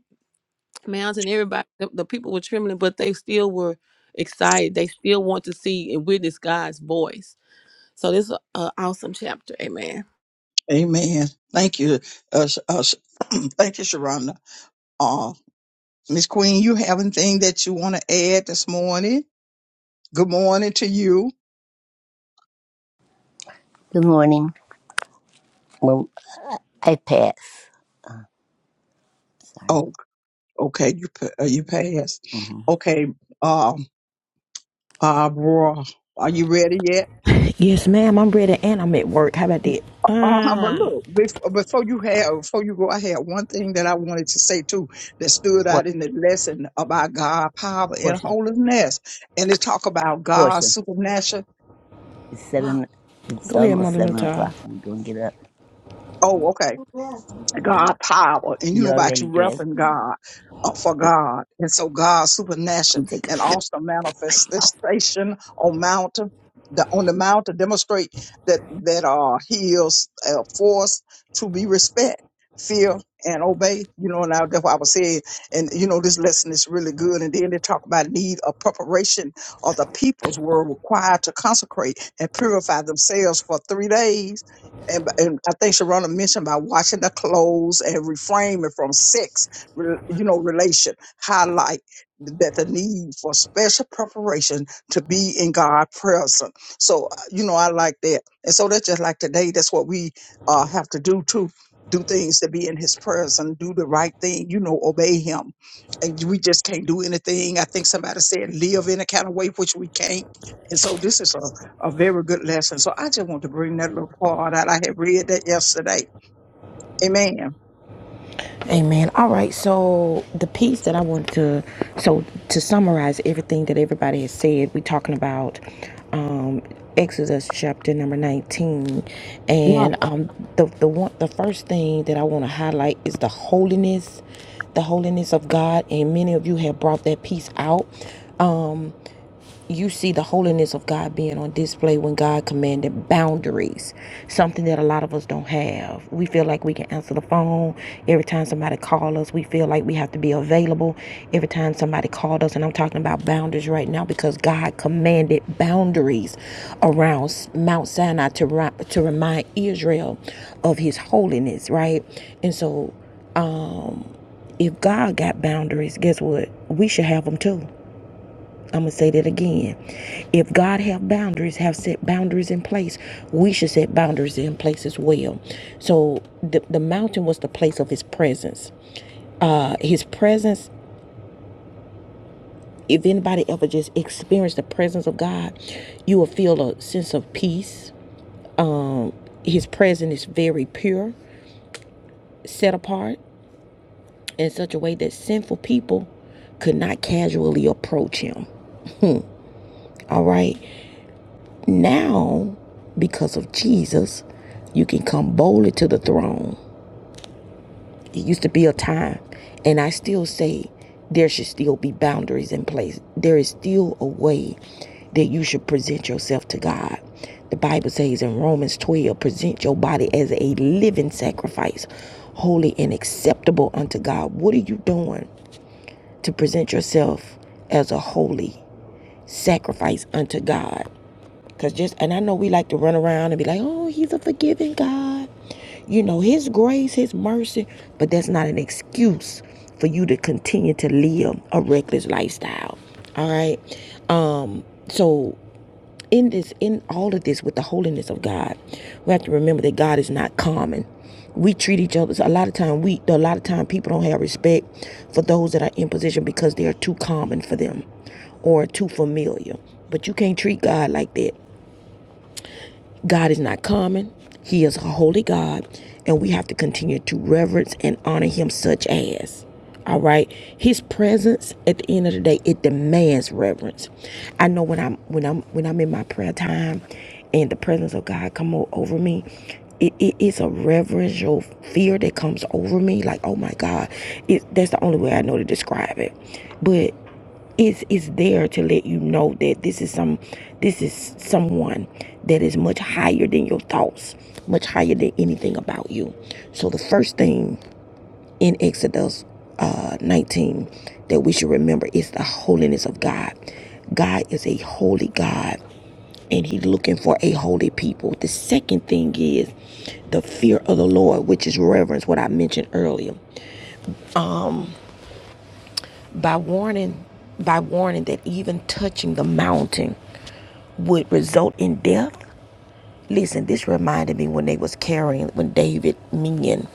Speaker 5: mountain, everybody, the, the people were trembling, but they still were excited. They still want to see and witness God's voice. So this is an awesome chapter. Amen.
Speaker 3: Amen. Thank you. Uh, Sh- uh, Sh- thank you, Sharonda. Uh, Miss Queen, you have anything that you want to add this morning? Good morning to you.
Speaker 6: Good morning. Well, I pass. Sorry.
Speaker 3: Oh, okay. You pa- uh, you passed.
Speaker 6: Mm-hmm.
Speaker 3: Okay. Um, Barbara, are you ready yet?
Speaker 1: Yes, ma'am. I'm ready and I'm at work. How about that?
Speaker 3: Uh-huh, but
Speaker 1: Uh,
Speaker 3: look, bef- before you have, before you go, I had one thing that I wanted to say too that stood
Speaker 6: Por-
Speaker 3: out in the lesson about God, power, and
Speaker 6: Portia.
Speaker 3: holiness, and it talk about God's
Speaker 6: Portia.
Speaker 3: supernatural.
Speaker 6: It's seven. It's
Speaker 1: go ahead,
Speaker 6: almost
Speaker 1: Mother
Speaker 6: seven
Speaker 1: Nutal.
Speaker 6: o'clock. You don't get up.
Speaker 3: Oh, okay. God power, and you
Speaker 6: You
Speaker 3: know about
Speaker 6: already
Speaker 3: you
Speaker 6: dressed.
Speaker 3: reference God uh, for God, and so God supernatural
Speaker 6: Okay.
Speaker 3: and also manifestation on mountain. The, on the mountain demonstrate that that uh he is uh, forced to be respect, fear, and obey. You know, now that's what I was saying. And you know, this lesson is really good. And then they talk about need of preparation of the peoples were required to consecrate and purify themselves for three days and, and I think Sharona mentioned about washing the clothes and reframing from sex, re- you know, relation. Highlight that the need for special preparation to be in God present. So, uh, you know, I like that. And so that's just like today, that's what we uh, have to do to do things to be in his presence, do the right thing, you know, obey him. And we just can't do anything. I think somebody said live in a kind of way, which we can't. And so this is a a very good lesson. So I just want to bring that little part out. I had read that yesterday. Amen.
Speaker 1: Amen. All right. So the piece that I want to so to summarize everything that everybody has said, we're talking about um, Exodus chapter number nineteen, and
Speaker 3: Right.
Speaker 1: um, the the one the first thing that I want to highlight is the holiness, the holiness of God, and many of you have brought that piece out Um, you see the holiness of God being on display when God commanded boundaries, something that a lot of us don't have. We feel like we can answer the phone every time somebody calls us. We feel like we have to be available every time somebody called us. And I'm talking about boundaries right now because God commanded boundaries around S- Mount Sinai to, ri- to remind Israel of his holiness, right? And so if God got boundaries, guess what? We should have them too. I'm gonna say that again. If God have boundaries, have set boundaries in place, we should set boundaries in place as well. So the, the mountain was the place of his presence. Uh his presence, if anybody ever just experienced the presence of God, you will feel a sense of peace. His presence is very pure, set apart in such a way that sinful people could not casually approach him. All right. Now, because of Jesus, you can come boldly to the throne. It used to be a time, and I still say there should still be boundaries in place. There is still a way that you should present yourself to God. The Bible says in Romans 12, present your body as a living sacrifice, holy and acceptable unto God. What are you doing to present yourself as a holy sacrifice unto God? Cause just and I know we like to run around and be like, oh, he's a forgiving God. You know, his grace, his mercy, but that's not an excuse for you to continue to live a reckless lifestyle. All right. Um, so in this, in all of this with the holiness of God, we have to remember that God is not common. We treat each other So a lot of time we a lot of time people don't have respect for those that are in position because they are too common for them or too familiar. But you can't treat God like that. God is not common. He is a holy God, and we have to continue to reverence and honor him such as. All right. His presence at the end of the day, it demands reverence. I know when I'm when I'm when I'm in my prayer time and the presence of God come o- over me, it, it is a reverential fear that comes over me. Like, oh my God. It, that's the only way I know to describe it. But is is there to let you know that this is some this is someone that is much higher than your thoughts much higher than anything about you so the first thing in exodus uh, 19 that we should remember is the holiness of god god is a holy god and he's looking for a holy people the second thing is the fear of the lord which is reverence what i mentioned earlier by warning by warning that even touching the mountain would result in death. Listen, this reminded me when they was carrying, when David, Minion,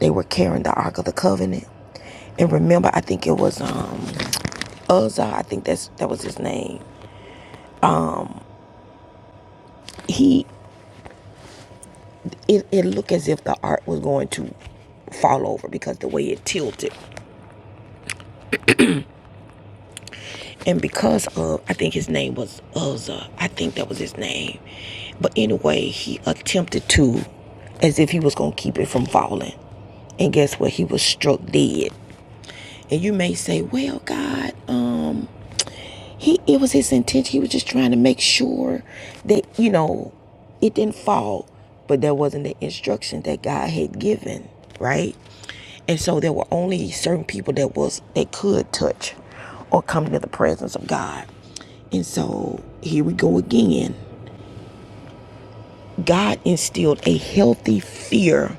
Speaker 1: they were carrying the Ark of the Covenant. And remember, I think it was um Uzzah, I think that's that was his name. He it, it looked as if the ark was going to fall over because the way it tilted. And because of I think his name was Uzzah, I think that was his name. But anyway, he attempted to as if he was gonna keep it from falling. And guess what? He was struck dead. And you may say, well, God, um, he it was his intention. He was just trying to make sure that, you know, it didn't fall. But that wasn't the instruction that God had given, right? And so there were only certain people that was that could touch or come to the presence of God. And so here we go again. God instilled a healthy fear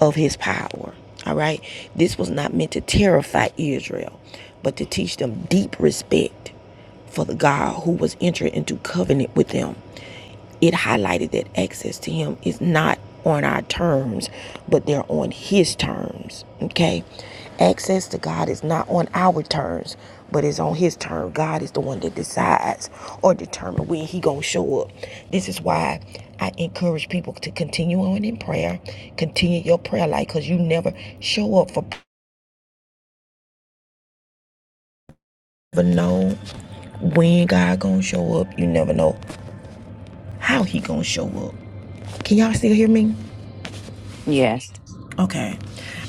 Speaker 1: of his power. All right. This was not meant to terrify Israel, but to teach them deep respect for the God who was entering into covenant with them it highlighted that access to him is not on our terms, but they're on his terms. Okay? Access to God is not on our terms, but it's on his term. God is the one that decides or determines when he gonna show up. This is why I encourage people to continue on in prayer, continue your prayer life, cause you never show up for never know when God gonna show up. You never know how he gonna show up. Can y'all still hear me?
Speaker 2: Yes.
Speaker 1: Okay.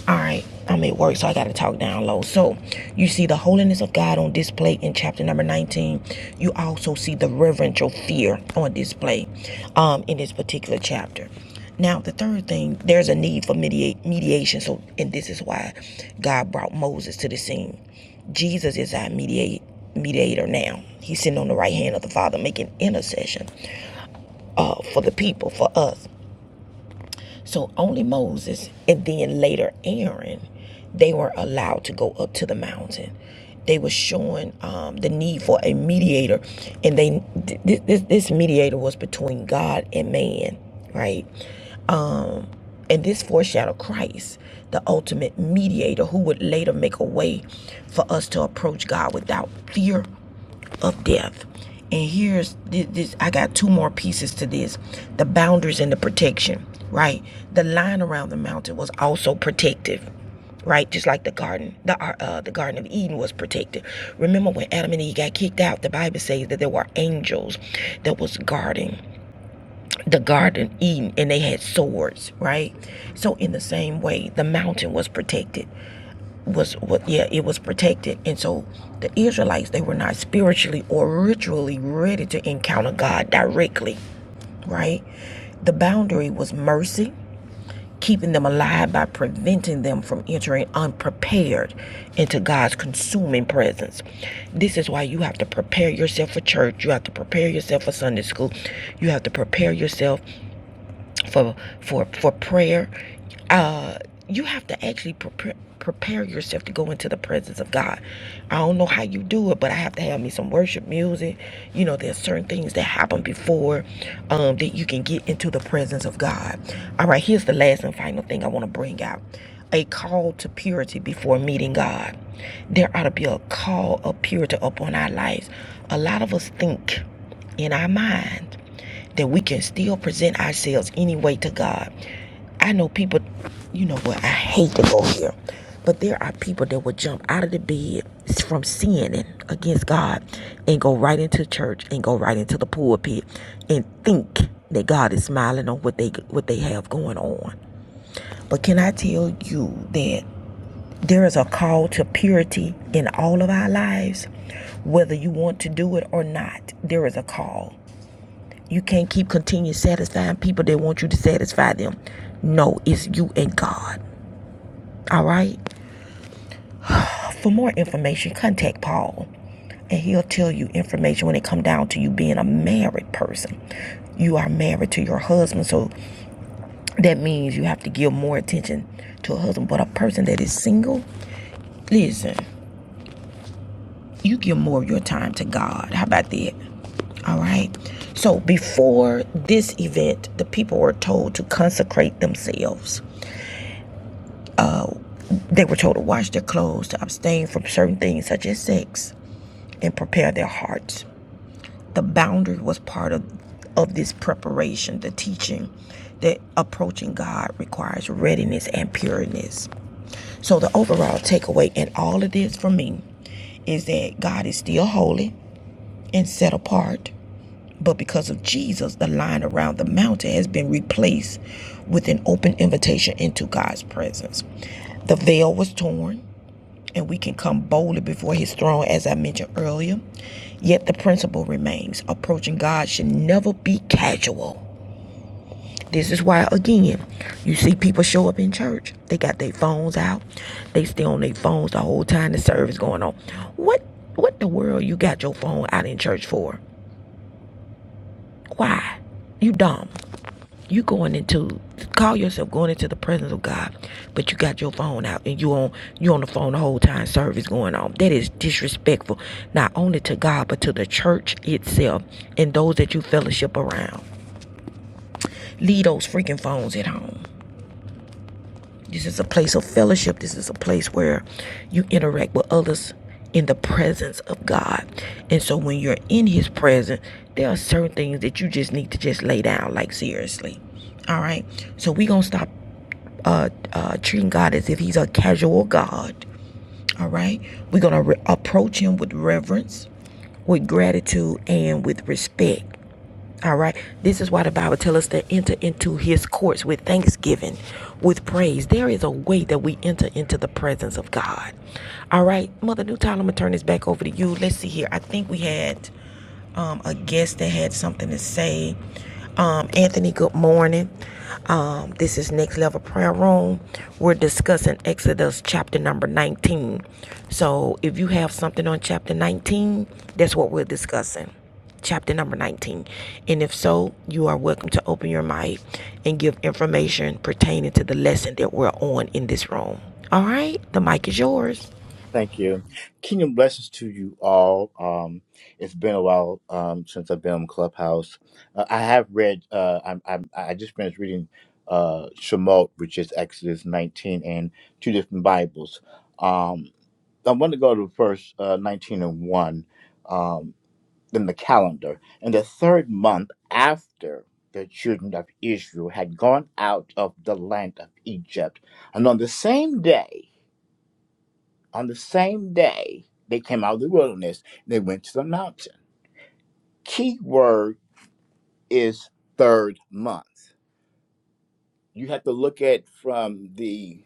Speaker 1: All right. I'm at work, so I got to talk down low. So, you see the holiness of God on display in chapter number 19. You also see the reverential fear on display um, in this particular chapter. Now, the third thing, there's a need for mediate, mediation. So, and this is why God brought Moses to the scene. Jesus is our mediate, mediator now. He's sitting on the right hand of the Father, making intercession uh, for the people, for us. So only Moses and then later Aaron, they were allowed to go up to the mountain. They were showing um, the need for a mediator, and they th- this this mediator was between God and man, right? Um, and this foreshadowed Christ, the ultimate mediator, who would later make a way for us to approach God without fear of death. And here's this, I got two more pieces to this the boundaries and the protection, right? The line around the mountain was also protective right? Just like the garden, the uh, uh, the Garden of Eden was protected. Remember when Adam and Eve got kicked out? The Bible says that there were angels that was guarding the Garden of Eden, and they had swords, right? So in the same way, the mountain was protected was what yeah it was protected and so the israelites they were not spiritually or ritually ready to encounter god directly right the boundary was mercy keeping them alive by preventing them from entering unprepared into god's consuming presence this is why you have to prepare yourself for church you have to prepare yourself for sunday school you have to prepare yourself for for for prayer uh you have to actually prepare prepare yourself to go into the presence of God. I don't know how you do it, but I have to have me some worship music. You know, there's certain things that happen before um, that you can get into the presence of God. All right, here's the last and final thing I want to bring out a call to purity before meeting God. There ought to be a call of purity upon our lives. A lot of us think in our mind that we can still present ourselves anyway to God. I know people, you know what, I hate to go here, but there are people that will jump out of the bed from sinning against God and go right into church and go right into the pulpit and think that God is smiling on what they what they have going on. But can I tell you that there is a call to purity in all of our lives, whether you want to do it or not. There is a call. You can't keep continuing satisfying people that want you to satisfy them. No, it's you and God. All right. For more information, contact Paul, and he'll tell you information when it come down to you being a married person. You are married to your husband, so that means you have to give more attention to a husband. But a person that is single, listen, you give more of your time to God. How about that? All right. So before this event, the people were told to consecrate themselves. They were told to wash their clothes, to abstain from certain things such as sex, and prepare their hearts. The boundary was part of, of this preparation, the teaching that approaching God requires readiness and pureness. So, the overall takeaway in all of this for me is that God is still holy and set apart, but because of Jesus, the line around the mountain has been replaced with an open invitation into God's presence. The veil was torn and we can come boldly before his throne, as I mentioned earlier. Yet the principle remains approaching God should never be casual. This is why, again, you see people show up in church. They got their phones out. They stay on their phones the whole time the service going on. What what the world you got your phone out in church for? Why? You dumb. you going into call yourself going into the presence of God, but you got your phone out and you on you on the phone the whole time service going on. That is disrespectful, not only to God but to the church itself and those that you fellowship around. Leave those freaking phones at home. This is a place of fellowship. This is a place where you interact with others in the presence of God. And so when you're in his presence, there are certain things that you just need to just lay down like seriously. All right. So we gonna stop uh, uh, treating God as if He's a casual God. All right, we're gonna re- approach Him with reverence, with gratitude, and with respect. All right, this is why the Bible tells us to enter into His courts with thanksgiving, with praise. There is a way that we enter into the presence of God. All right, Mother New Tyler, I'm gonna turn this back over to you. Let's see here. I think we had um, a guest that had something to say. Um, Anthony, good morning. Um, this is Next Level Prayer Room. We're discussing Exodus chapter number 19. So if you have something on chapter 19, that's what we're discussing. Chapter number 19. And if so, you are welcome to open your mic and give information pertaining to the lesson that we're on in this room. All right, the mic is yours.
Speaker 7: Thank you. Kingdom blessings to you all. Um, it's been a while um, since I've been on Clubhouse. Uh, I have read. Uh, I'm, I'm. I just finished reading uh, Shemot, which is Exodus 19 and two different Bibles. Um, I want to go to verse uh, 19 and one um, in the calendar. In the third month after the children of Israel had gone out of the land of Egypt, and on the same day. On the same day, they came out of the wilderness they went to the mountain. Key word is third month. You have to look at from the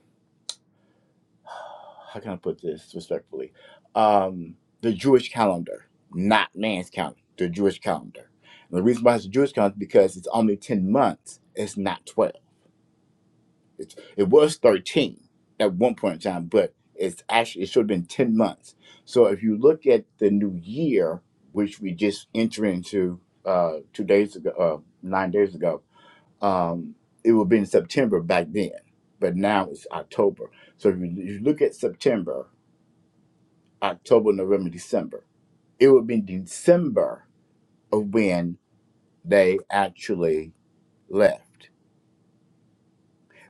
Speaker 7: how can I put this respectfully? Um, the Jewish calendar, not man's calendar, the Jewish calendar. And the reason why it's the Jewish calendar is because it's only 10 months, it's not 12. It's, it was 13 at one point in time, but it's actually, it should have been 10 months. So if you look at the new year, which we just entered into uh, two days ago, uh, nine days ago, um, it would have been September back then, but now it's October. So if you, if you look at September, October, November, December, it would be December of when they actually left.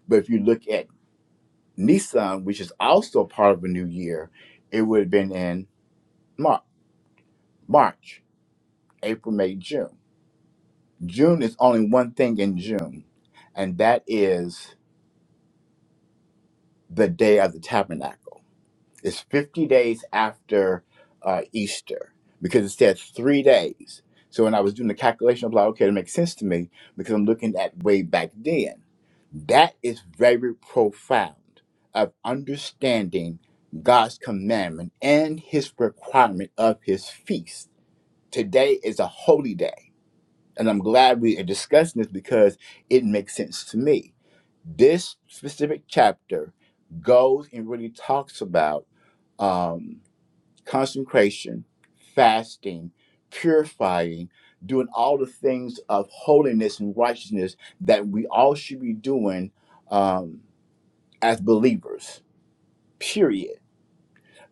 Speaker 7: But if you look at Nissan, which is also part of a new year, it would have been in Mar- March, April, May, June. June is only one thing in June, and that is the day of the tabernacle. It's 50 days after uh, Easter because it said three days. So when I was doing the calculation, I was like, okay, it makes sense to me because I'm looking at way back then. That is very profound of understanding God's commandment and his requirement of his feast. Today is a holy day. And I'm glad we are discussing this because it makes sense to me. This specific chapter goes and really talks about. um, consecration, fasting, purifying, doing all the things of holiness and righteousness that we all should be doing um, as believers, period.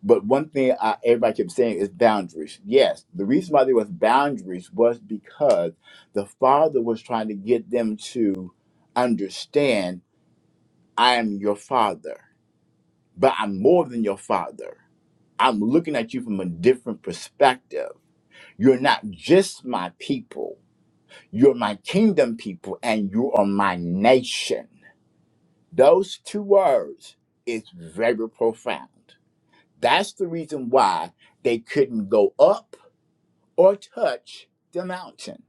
Speaker 7: But one thing I, everybody kept saying is boundaries. Yes, the reason why there was boundaries was because the father was trying to get them to understand, I am your father, but I'm more than your father. I'm looking at you from a different perspective You're not just my people, you're my kingdom people, and you are my nation. Those two words is very profound. That's the reason why they couldn't go up or touch the mountain.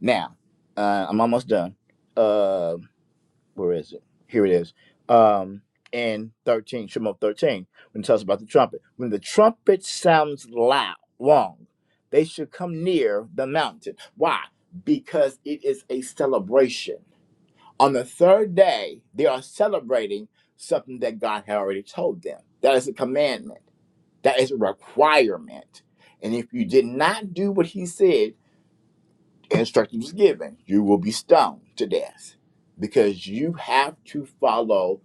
Speaker 7: Now, uh, I'm almost done. Um where is it? Here it is. Um, and 13, Shemot 13, when it tells about the trumpet. When the trumpet sounds loud, long, they should come near the mountain. Why? Because it is a celebration. On the third day, they are celebrating something that God had already told them. That is a commandment, that is a requirement. And if you did not do what he said, instruction was given you will be stoned to death because you have to follow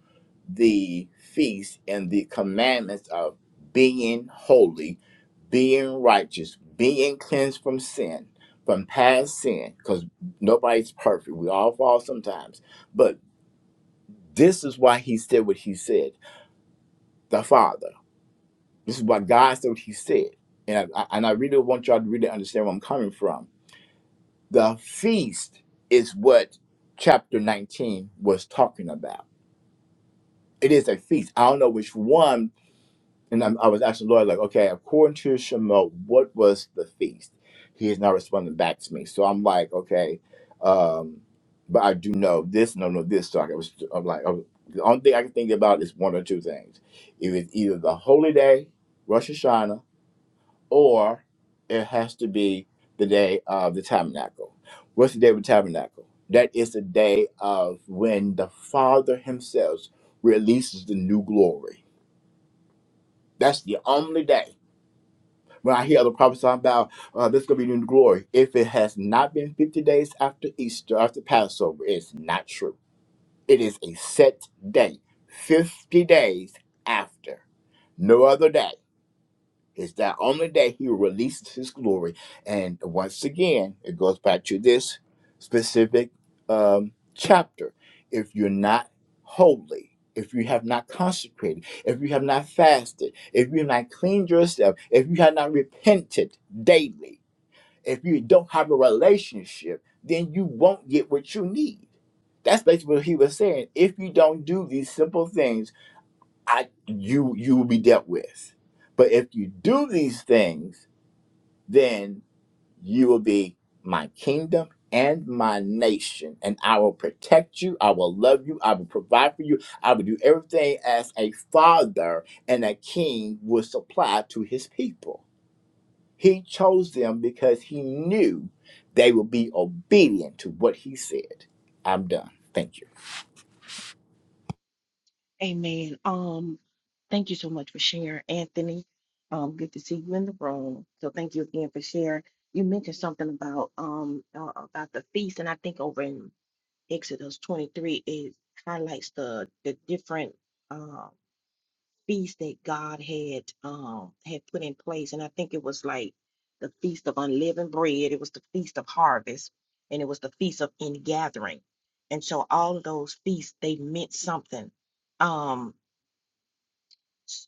Speaker 7: the feast and the commandments of being holy being righteous being cleansed from sin from past sin because nobody's perfect we all fall sometimes but this is why he said what he said the father this is why god said what he said and I, I- and I really want y'all to really understand where i'm coming from The feast is what chapter 19 was talking about. It is a feast. I don't know which one. And I'm, I was asking the Lord, like, okay, according to Shema, what was the feast? He has not responded back to me. So I'm like, okay, um, but I do know this, no, no, this. So I was, I'm like, oh, the only thing I can think about is one or two things. It was either the holy day, Rosh Hashanah, or it has to be the day of the tabernacle. What's the day of the tabernacle? That is the day of when the Father Himself releases the new glory. That's the only day. When I hear other prophets talking about uh, this going to be new glory, if it has not been 50 days after Easter, after Passover, it's not true. It is a set day, 50 days after. No other day. It's that on the day he released his glory. And once again, it goes back to this specific um, chapter. If you're not holy, if you have not consecrated, if you have not fasted, if you have not cleaned yourself, if you have not repented daily, if you don't have a relationship, then you won't get what you need. That's basically what he was saying. If you don't do these simple things, I you you will be dealt with. But if you do these things, then you will be my kingdom and my nation, and I will protect you. I will love you. I will provide for you. I will do everything as a father and a king would supply to his people. He chose them because he knew they would be obedient to what he said. I'm done. Thank you.
Speaker 1: Um, good to see you in the room. So thank you again for sharing. You mentioned something about um uh, about the feast, and I think over in Exodus 23 it highlights the the different uh, feasts that God had um had put in place, and I think it was like the feast of unleavened bread, it was the feast of harvest, and it was the feast of ingathering. And so all of those feasts they meant something. Um,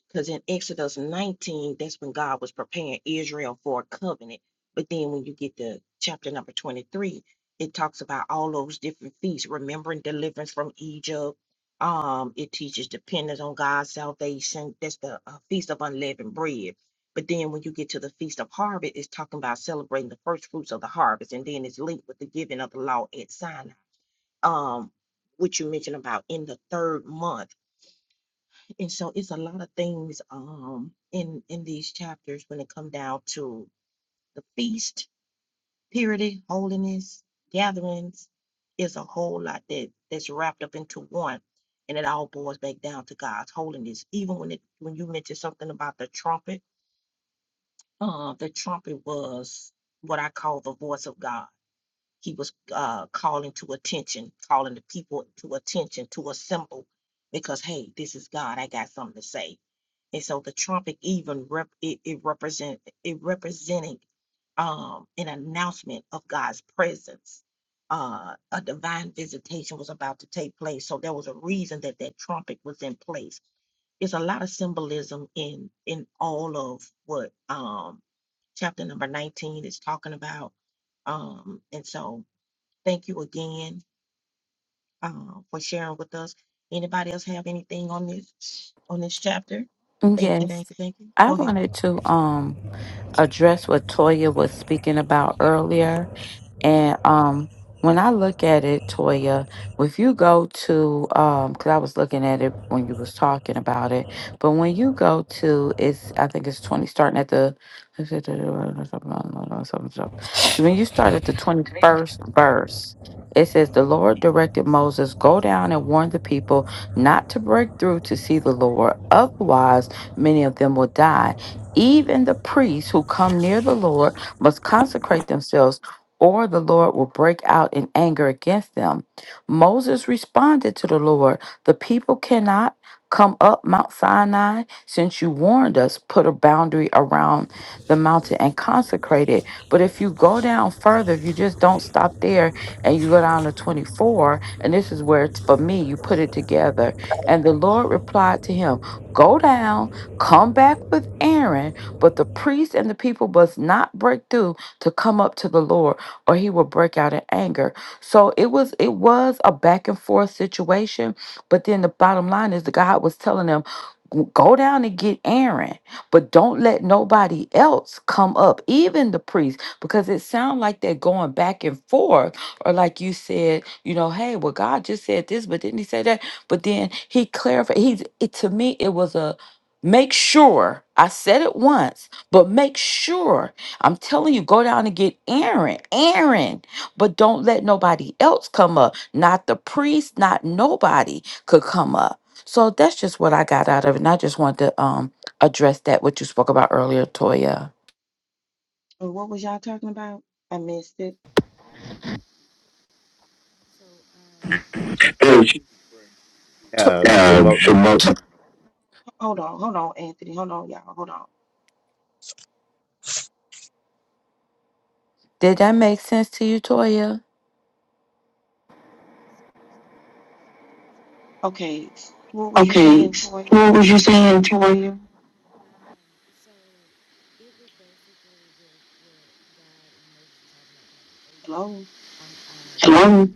Speaker 1: because in Exodus 19, that's when God was preparing Israel for a covenant. But then when you get to chapter number 23, it talks about all those different feasts, remembering deliverance from Egypt. Um, it teaches dependence on God's salvation. That's the uh, Feast of Unleavened Bread. But then when you get to the Feast of Harvest, it's talking about celebrating the first fruits of the harvest. And then it's linked with the giving of the law at Sinai, um, which you mentioned about in the third month. It's a, um, down. Holiness is a whole lot that that's wrapped up into one, all boils back down to God's holiness. Even when it when you mentioned something about the trumpet, uh, the trumpet was what I call the voice of God. He was uh, calling to attention, calling the people to attention, to assemble, because hey, this is God. I got something to say And so the trumpet even rep, it, it represent it representing um an announcement of God's presence. Uh, a divine visitation was about to take place. So there was a reason that that trumpet was in place. There's a lot of symbolism in in all of what um chapter number 19 is talking about. Um, and so thank you again um, for sharing with us. Anybody else have anything on this on this chapter? Thank you,
Speaker 2: Yes.
Speaker 1: thank you, thank you.
Speaker 2: I
Speaker 1: Go ahead.
Speaker 2: wanted to um address what Toya was speaking about earlier. And um, when I look at it, Toya, if you go to, um, because I was looking at it when you was talking about it, but when you go to, it's I think it's twenty starting at the, to when you start at the twenty first verse. It says, The Lord directed Moses, Go down and warn the people not to break through to see the Lord. Otherwise, many of them will die. Even the priests who come near the Lord must consecrate themselves or the Lord will break out in anger against them. Moses responded to the Lord, The people cannot come up Mount Sinai since you warned us, put a boundary around the mountain and consecrate it. But if you go down further, if you just don't stop there and you go down to 24, and this is where it's for me, you put it together. And the Lord replied to him, Go down, come back with Aaron, but the priests and the people must not break through to come up to the Lord or he would break out in anger. So it was it was a back and forth situation, but then the bottom line is the God was telling them go down and get Aaron, but don't let nobody else come up, even the priest, because it sounds like they're going back and forth. Or like you said, you know, hey, well, God just said this, but didn't he say that? But then he clarified. He's it, to me, it was a make sure. I said it once, but make sure I'm telling you, go down and get Aaron, Aaron, but don't let nobody else come up. Not the priest, not nobody could come up. So that's just what I got out of it. And I just wanted to um address that what you spoke about earlier, Toya.
Speaker 1: Uh, What was y'all talking about? I missed it.
Speaker 7: There was uh,
Speaker 8: uh,
Speaker 7: Shamotin.
Speaker 1: Hold on, hold on, Anthony. Hold on, y'all. Hold on.
Speaker 2: Did that make sense to you, Toya?
Speaker 8: Okay, so what was you saying, Toya? Hello?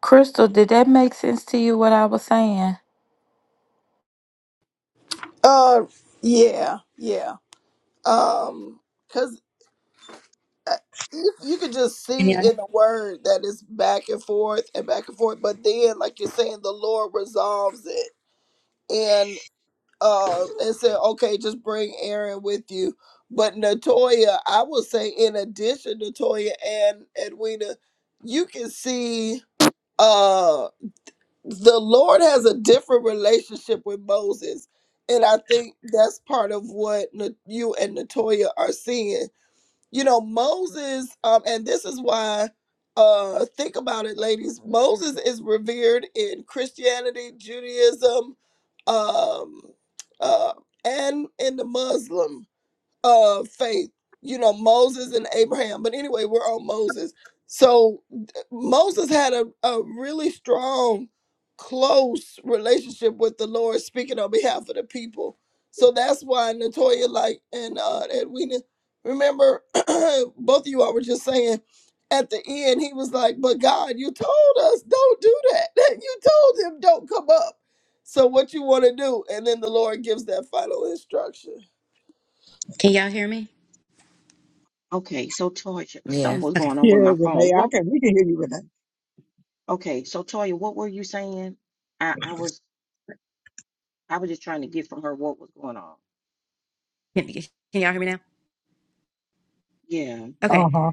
Speaker 2: Crystal, did that make sense to you what I was saying?
Speaker 4: uh yeah, yeah. Um 'cause uh, you, you could just see in the word that it's back and forth and back and forth but then like you're saying the lord resolves it and uh and said okay just bring aaron with you but natoya i would say in addition natoya and edwina you can see uh the lord has a different relationship with moses and i think that's part of what Na- you and natoya are seeing you know moses um and this is why uh think about it ladies moses is revered in christianity judaism um uh and in the muslim of faith you know moses and abraham but anyway we're on moses so d- moses had a, a really strong close relationship with the lord speaking on behalf of the people so that's why natoya like and uh edwina remember both of you all were just saying at the end he was like but god you told us don't do that you told him don't come up so what you want to do and then the lord gives that final instruction
Speaker 2: Yes.
Speaker 3: Yeah, Renee. I can we can hear you, Renee. Uh-huh.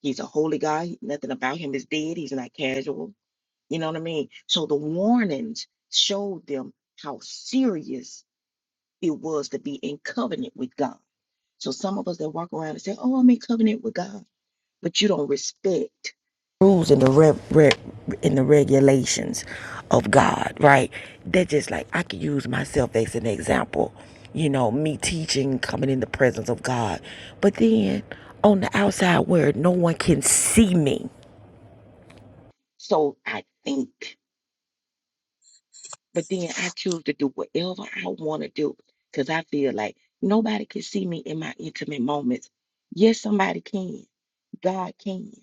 Speaker 1: He's a holy guy. Nothing about him is dead. He's not casual. You know what I mean? So the warnings showed them how serious it was to be in covenant with God. So some of us that walk around and say, "Oh, I'm in covenant with God." but you don't respect rules and the re- re- and the regulations of God, right? That just like I could use myself as an example, you know, me teaching, coming in the presence of God, but then on the outside where no one can see me, so I think, but then I choose to do whatever I want to do because I feel like nobody can see me in my intimate moments. Yes, somebody can. God can.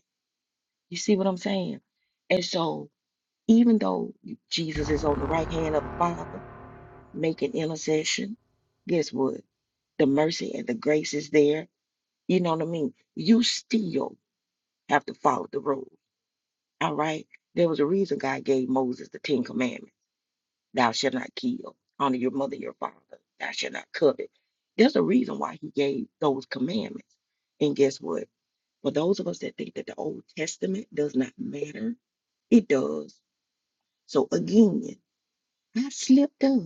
Speaker 1: You see what I'm saying? And so Even though Jesus is on the right hand of the Father making intercession, slipped up.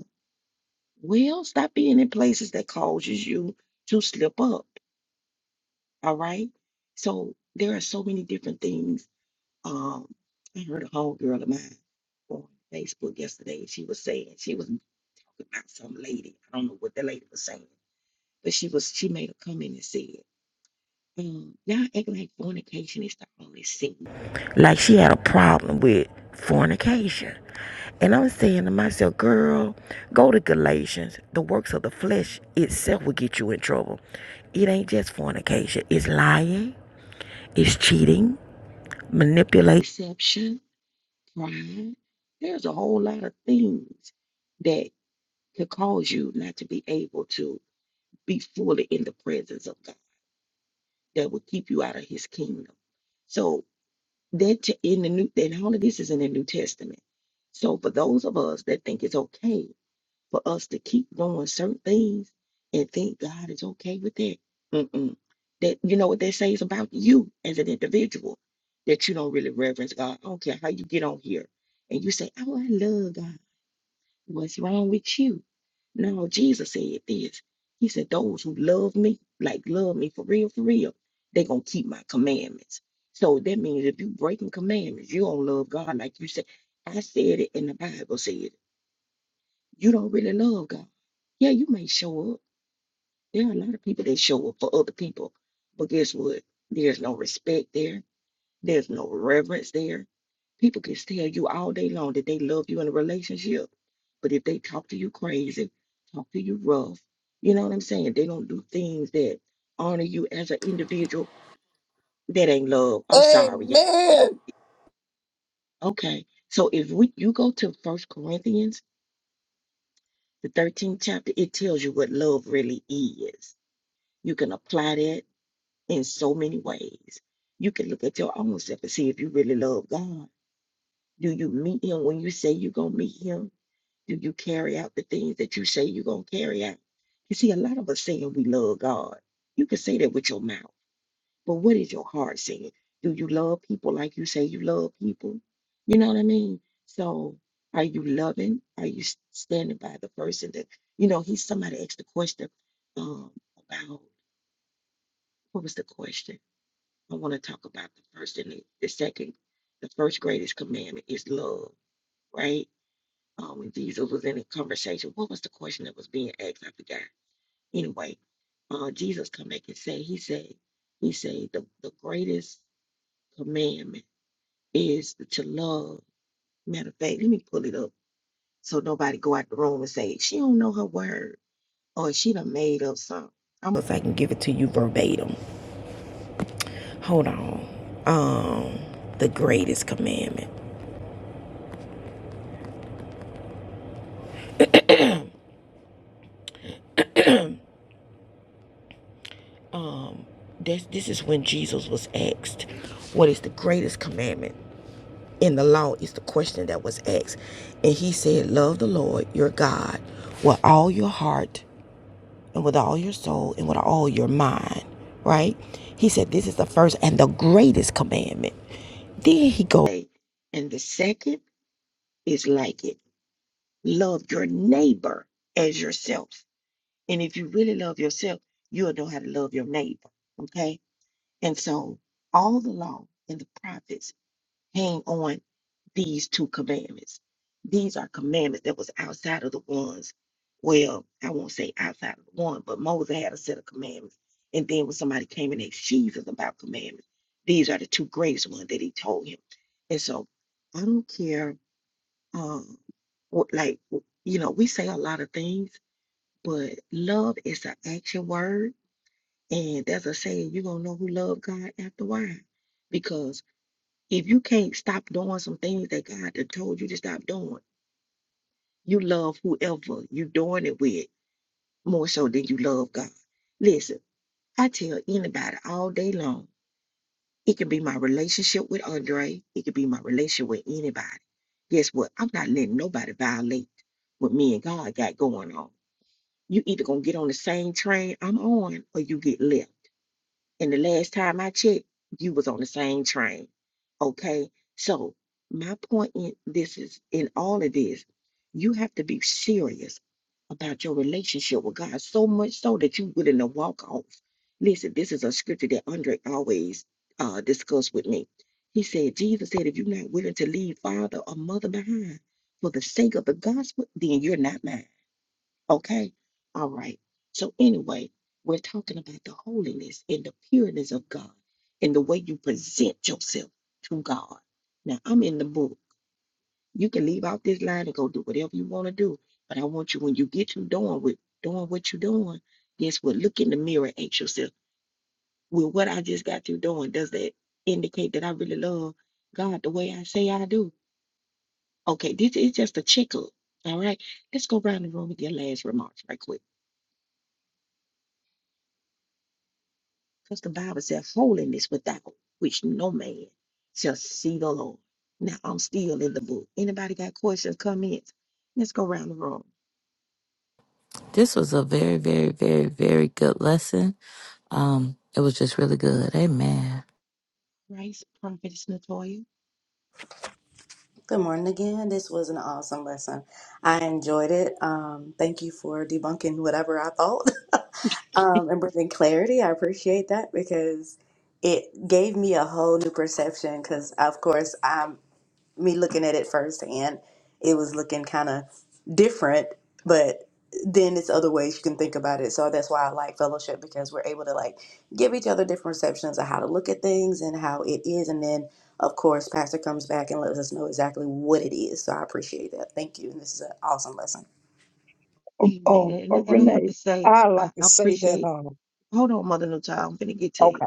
Speaker 1: Well, stop being in places that causes you to slip up. All right. So there are so many different things. Um, I heard a whole girl of mine on Facebook yesterday. and She was saying she was about some lady. I don't know what the lady was saying, but she was she made a comment and said, um, "Y'all acting like fornication is the only sin." Like she had a problem with fornication. And I'm saying to myself, girl, go to Galatians. The works of the flesh itself will get you in trouble. It ain't just fornication, it's lying, it's cheating, manipulation.
Speaker 4: Amen.
Speaker 1: Oh, when Jesus was in the conversation, what was the that was being asked? I forgot. Anyway, uh, Jesus come back and say, he said, he said, the, the greatest commandment is to love. Matter of fact, let me pull it up so nobody go out the room and say, she don't know her word or she done made up something. I'm if I can give it to you verbatim. hold on um the greatest commandment this this is when jesus was asked what is the greatest commandment in the law is the question that was asked and he said love the lord your god with all your heart and with all your soul and with all your mind right he said this is the first and the greatest commandment then he goes and the second is like it love your neighbor as yourself And if you really love yourself, you'll know how to love your neighbor. Okay. And so all the law and the prophets hang on these two commandments. These are commandments that was outside of the ones. Well, I won't say outside of the one, but Moses had a set of commandments
Speaker 2: This was a very, very, very, very good lesson. Um, it was just really good. Amen.
Speaker 3: Uh, uh, Renee, I like to say that um okay.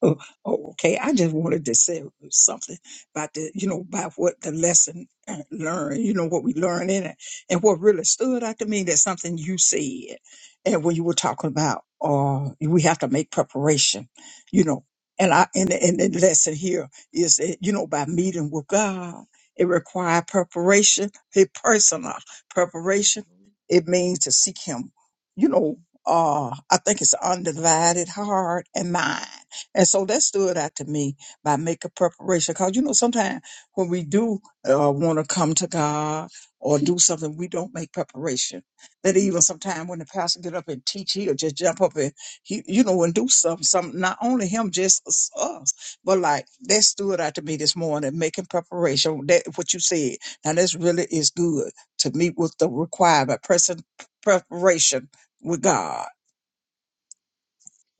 Speaker 3: Oh, oh, okay. I just wanted to say something about the, you know, about what the lesson uh, learned, you know, what we learned in it. And what really stood out to me that something you said, and when you were talking about, uh, we have to make preparation, you know. And I, and, and the lesson here is that, you know, by meeting with God, it requires preparation, a personal preparation. It means to seek Him, you know, uh, I think it's undivided heart and mind and so that stood out to me by making preparation. Cause you know, sometimes when we do uh, want to come to God or do something, we don't make preparation. That even sometimes when the pastor get up and teach, he'll just jump up and he, you know, and do something. Some not only him, just us, us. but like that stood out to me this morning, making preparation. That what you said. Now this really is good to meet with the requirement, present preparation with God,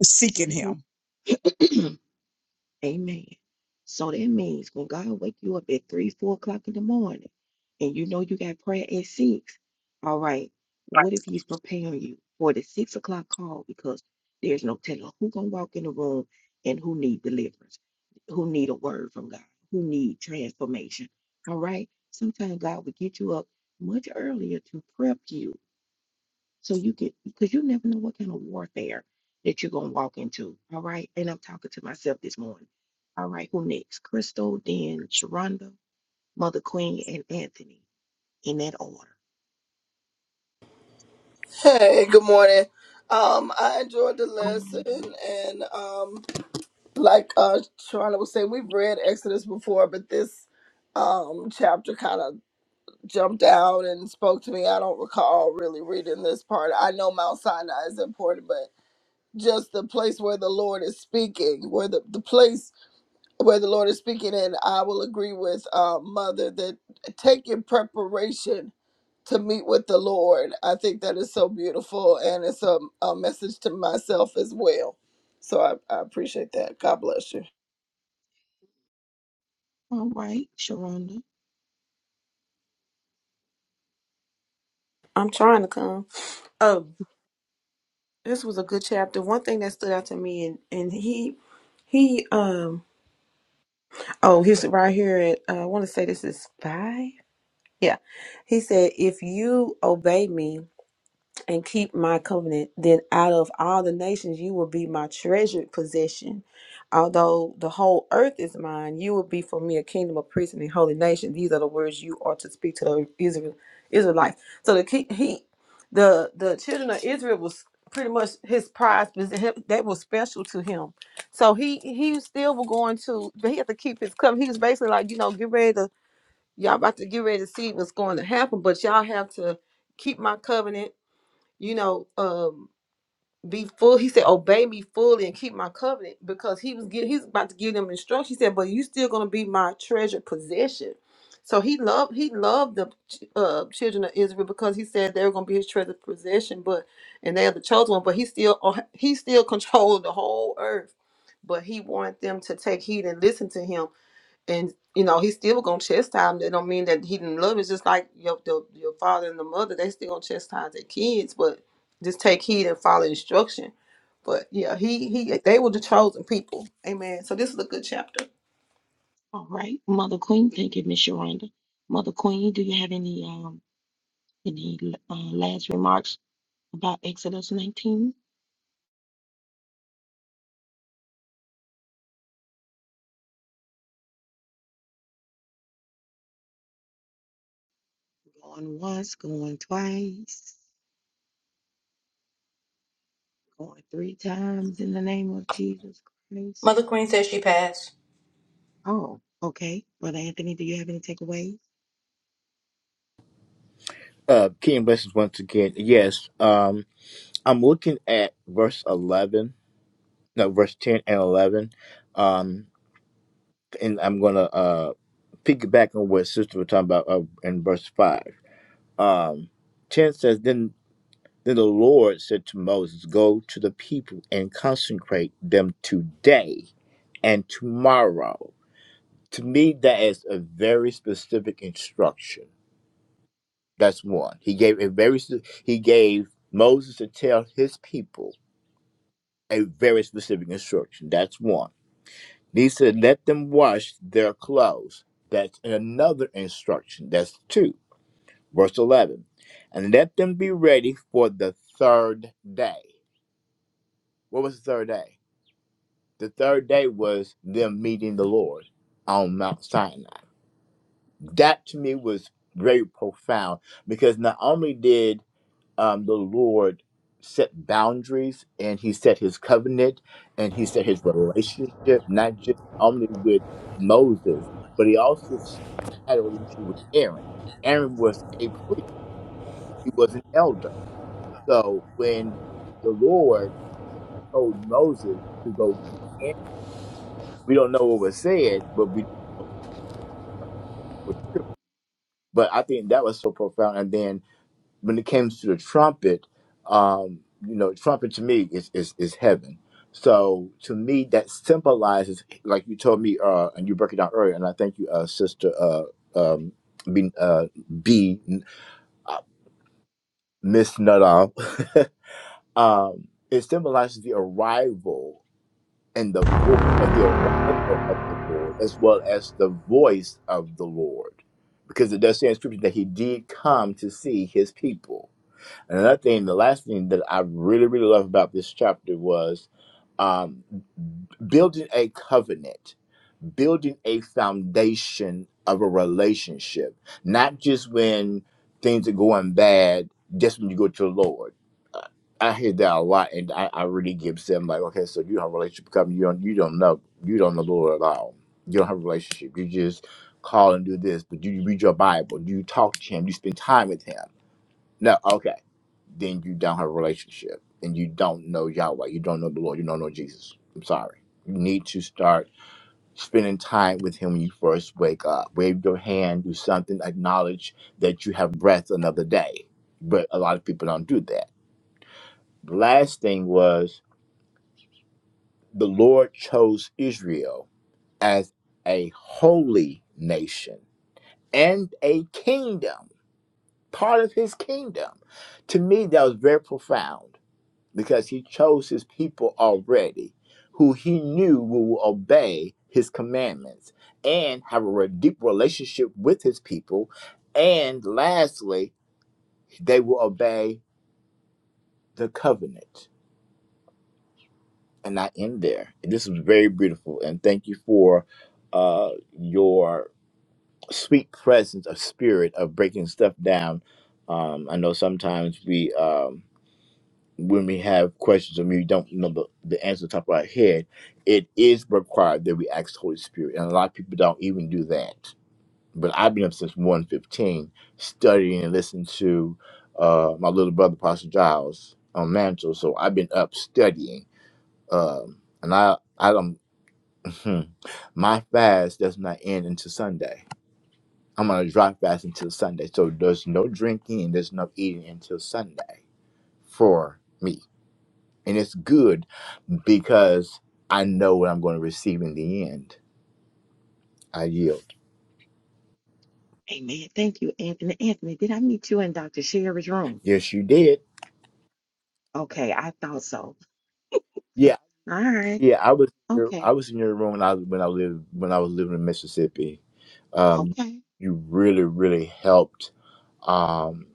Speaker 3: seeking Him
Speaker 4: Hey, good morning. Um, I enjoyed the lesson, and um, like uh, Charlotte was saying, we've read Exodus before, but this um chapter kind of jumped out and spoke to me. I don't recall really reading this part. I know Mount Sinai is important, but just the place where the Lord is speaking, where the, the place where the Lord is speaking, and I will agree with uh, Mother that take your preparation to meet with the Lord. I think that is so beautiful, and it's a, a message to myself as well. So I, I appreciate that. God bless you.
Speaker 5: I'm trying to come. Oh, this was a good chapter. One thing that stood out to me, and and he, he, um. Oh, here's it right here. At, uh, I want to say this is five. Yeah. He said, If you obey me, and keep my covenant, then out of all the nations you will be my treasured possession. Although the whole earth is mine, you will be for me a kingdom of priests and a holy nation. These are the words you are to speak to the Israel Israelites. So the ki- he, the the children of Israel was pretty much his prize because they were special to him. So he he still was going to, but he had to keep his covenant. He was basically like, you know, get ready to y'all about to get ready to see what's going to happen, but y'all have to keep my covenant you know, um, be full. He said, obey me fully and keep my covenant because he was giving, he's about to give them instruction. He said, but you still going to be my treasured possession. So he loved, he loved the ch- uh, children of Israel because he said they were going to be his treasured possession, but, and they are the chosen one, but he still, uh, he still controlled the whole earth, but he wanted them to take heed and listen to him and you know he's still gonna chastise them. That don't mean that he didn't love. 'em. It's just like your the, your father and the mother. They still gonna chastise their kids, but just take heed and follow instruction. But yeah, he he they were the chosen people. Amen. So this is a good chapter.
Speaker 7: Uh, King Blessings once again. Yes. Um, I'm looking at verse 11, no, verse 10 and 11. Um, and I'm going to uh, piggyback on what Sister was talking about uh, in verse 5. Um, 10 says, then, then the Lord said to Moses, Go to the people and consecrate them today and tomorrow. To me, that is a very specific instruction. That's one. He gave a very s- he gave Moses to tell his people a very specific instruction. That's one. He said, Let them wash their clothes. That's another instruction. That's two, verse 11. And let them be ready for the third day. What was the third day? The third day was them meeting the Lord on Mount Sinai. That to me was very profound because not only did um, the Lord set boundaries and he set his covenant and he set his relationship, not just only with Moses, but he also s- had a relationship with Aaron. Aaron was a priest, he was an elder. So when the Lord told Moses to go get Aaron, we don't know what was said, but we but I think that was so profound. And then when it comes to the trumpet, um, you know, trumpet to me is is is heaven. So to me, that symbolizes, like you told me, uh, and you broke it down earlier, and I thank you, uh, sister, uh, um, B, uh, B Miss Nadal. um, it symbolizes the arrival and the voice of the arrival of the Lord, as well as the voice of the Lord, because it does say in Scripture that He did come to see His people. And another thing, the last thing that I really, really love about this chapter was um, building a covenant, building a foundation of a relationship, not just when things are going bad, just when you go to the Lord. Uh, I hear that a lot, and I, I really give them like, okay, so you don't have a relationship covenant, you don't, you don't know, you don't know the Lord at all. You don't have a relationship. You just call and do this, but you read your Bible, you talk to Him, you spend time with Him. No, okay then you don't have a relationship and you don't know Yahweh. You don't know the Lord. You don't know Jesus. I'm sorry. You need to start spending time with Him when you first wake up. Wave your hand, do something, acknowledge that you have breath another day. But a lot of people don't do that. The last thing was the Lord chose Israel as a holy nation and a kingdom, part of His kingdom. To me, that was very profound because he chose his people already who he knew will obey his commandments and have a deep relationship with his people and lastly they will obey the covenant and i end there this was very beautiful and thank you for uh, your sweet presence of spirit of breaking stuff down um, i know sometimes we um, when we have questions and we don't know the, the answer top of our head, it is required that we ask the Holy Spirit. And a lot of people don't even do that. But I've been up since one fifteen studying and listening to uh, my little brother, Pastor Giles, on Mantle. So I've been up studying. Um, and I, I don't, my fast does not end until Sunday. I'm on a dry fast until Sunday. So there's no drinking and there's no eating until Sunday for me. And it's good because I know what I'm going to receive in the end. I yield. Yes, you did. Yeah, yeah. I was here- I was in your room when I when I lived when I was living in Mississippi. Um, you really really helped um,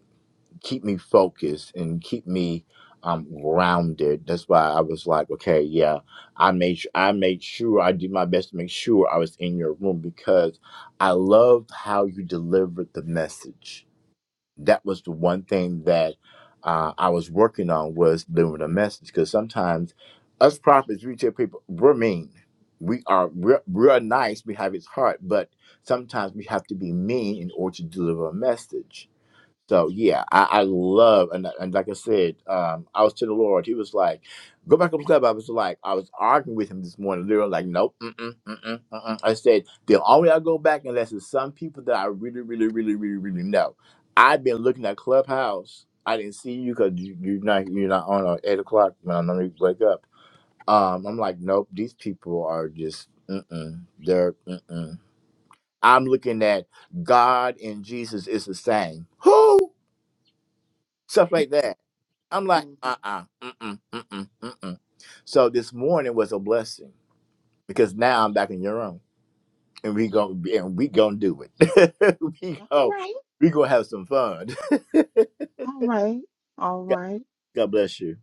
Speaker 7: keep me focused and keep me um, grounded. That's why I was like, okay, yeah. I made su- I made sure I did my best to make sure I was in your room because I loved how you delivered the message that was the one thing that uh, I was working on was delivering a message because sometimes us prophets, we tell people we're mean. We are we're, we're nice. We have his heart, but sometimes we have to be mean in order to deliver a message. So yeah, I, I love and and like I said, um, I was to the Lord. He was like, "Go back up the club." I was like, I was arguing with him this morning. Literally, like, nope, mm-mm, mm-mm, mm-mm. I said the only way I go back unless it's some people that I really, really, really, really, really know. I've been looking at Clubhouse. I didn't see you because you, you're not you're not on at eight o'clock when I normally wake up. Um, I'm like, nope, these people are just mm-mm, they're mm-mm. I'm looking at God and Jesus is the same. Who? stuff like that. I'm like, uh uh-uh, uh, mm mm, mm mm, mm So this morning was a blessing because now I'm back in your room and we going and we gonna do it. we go, we gonna have some fun. God, God bless you.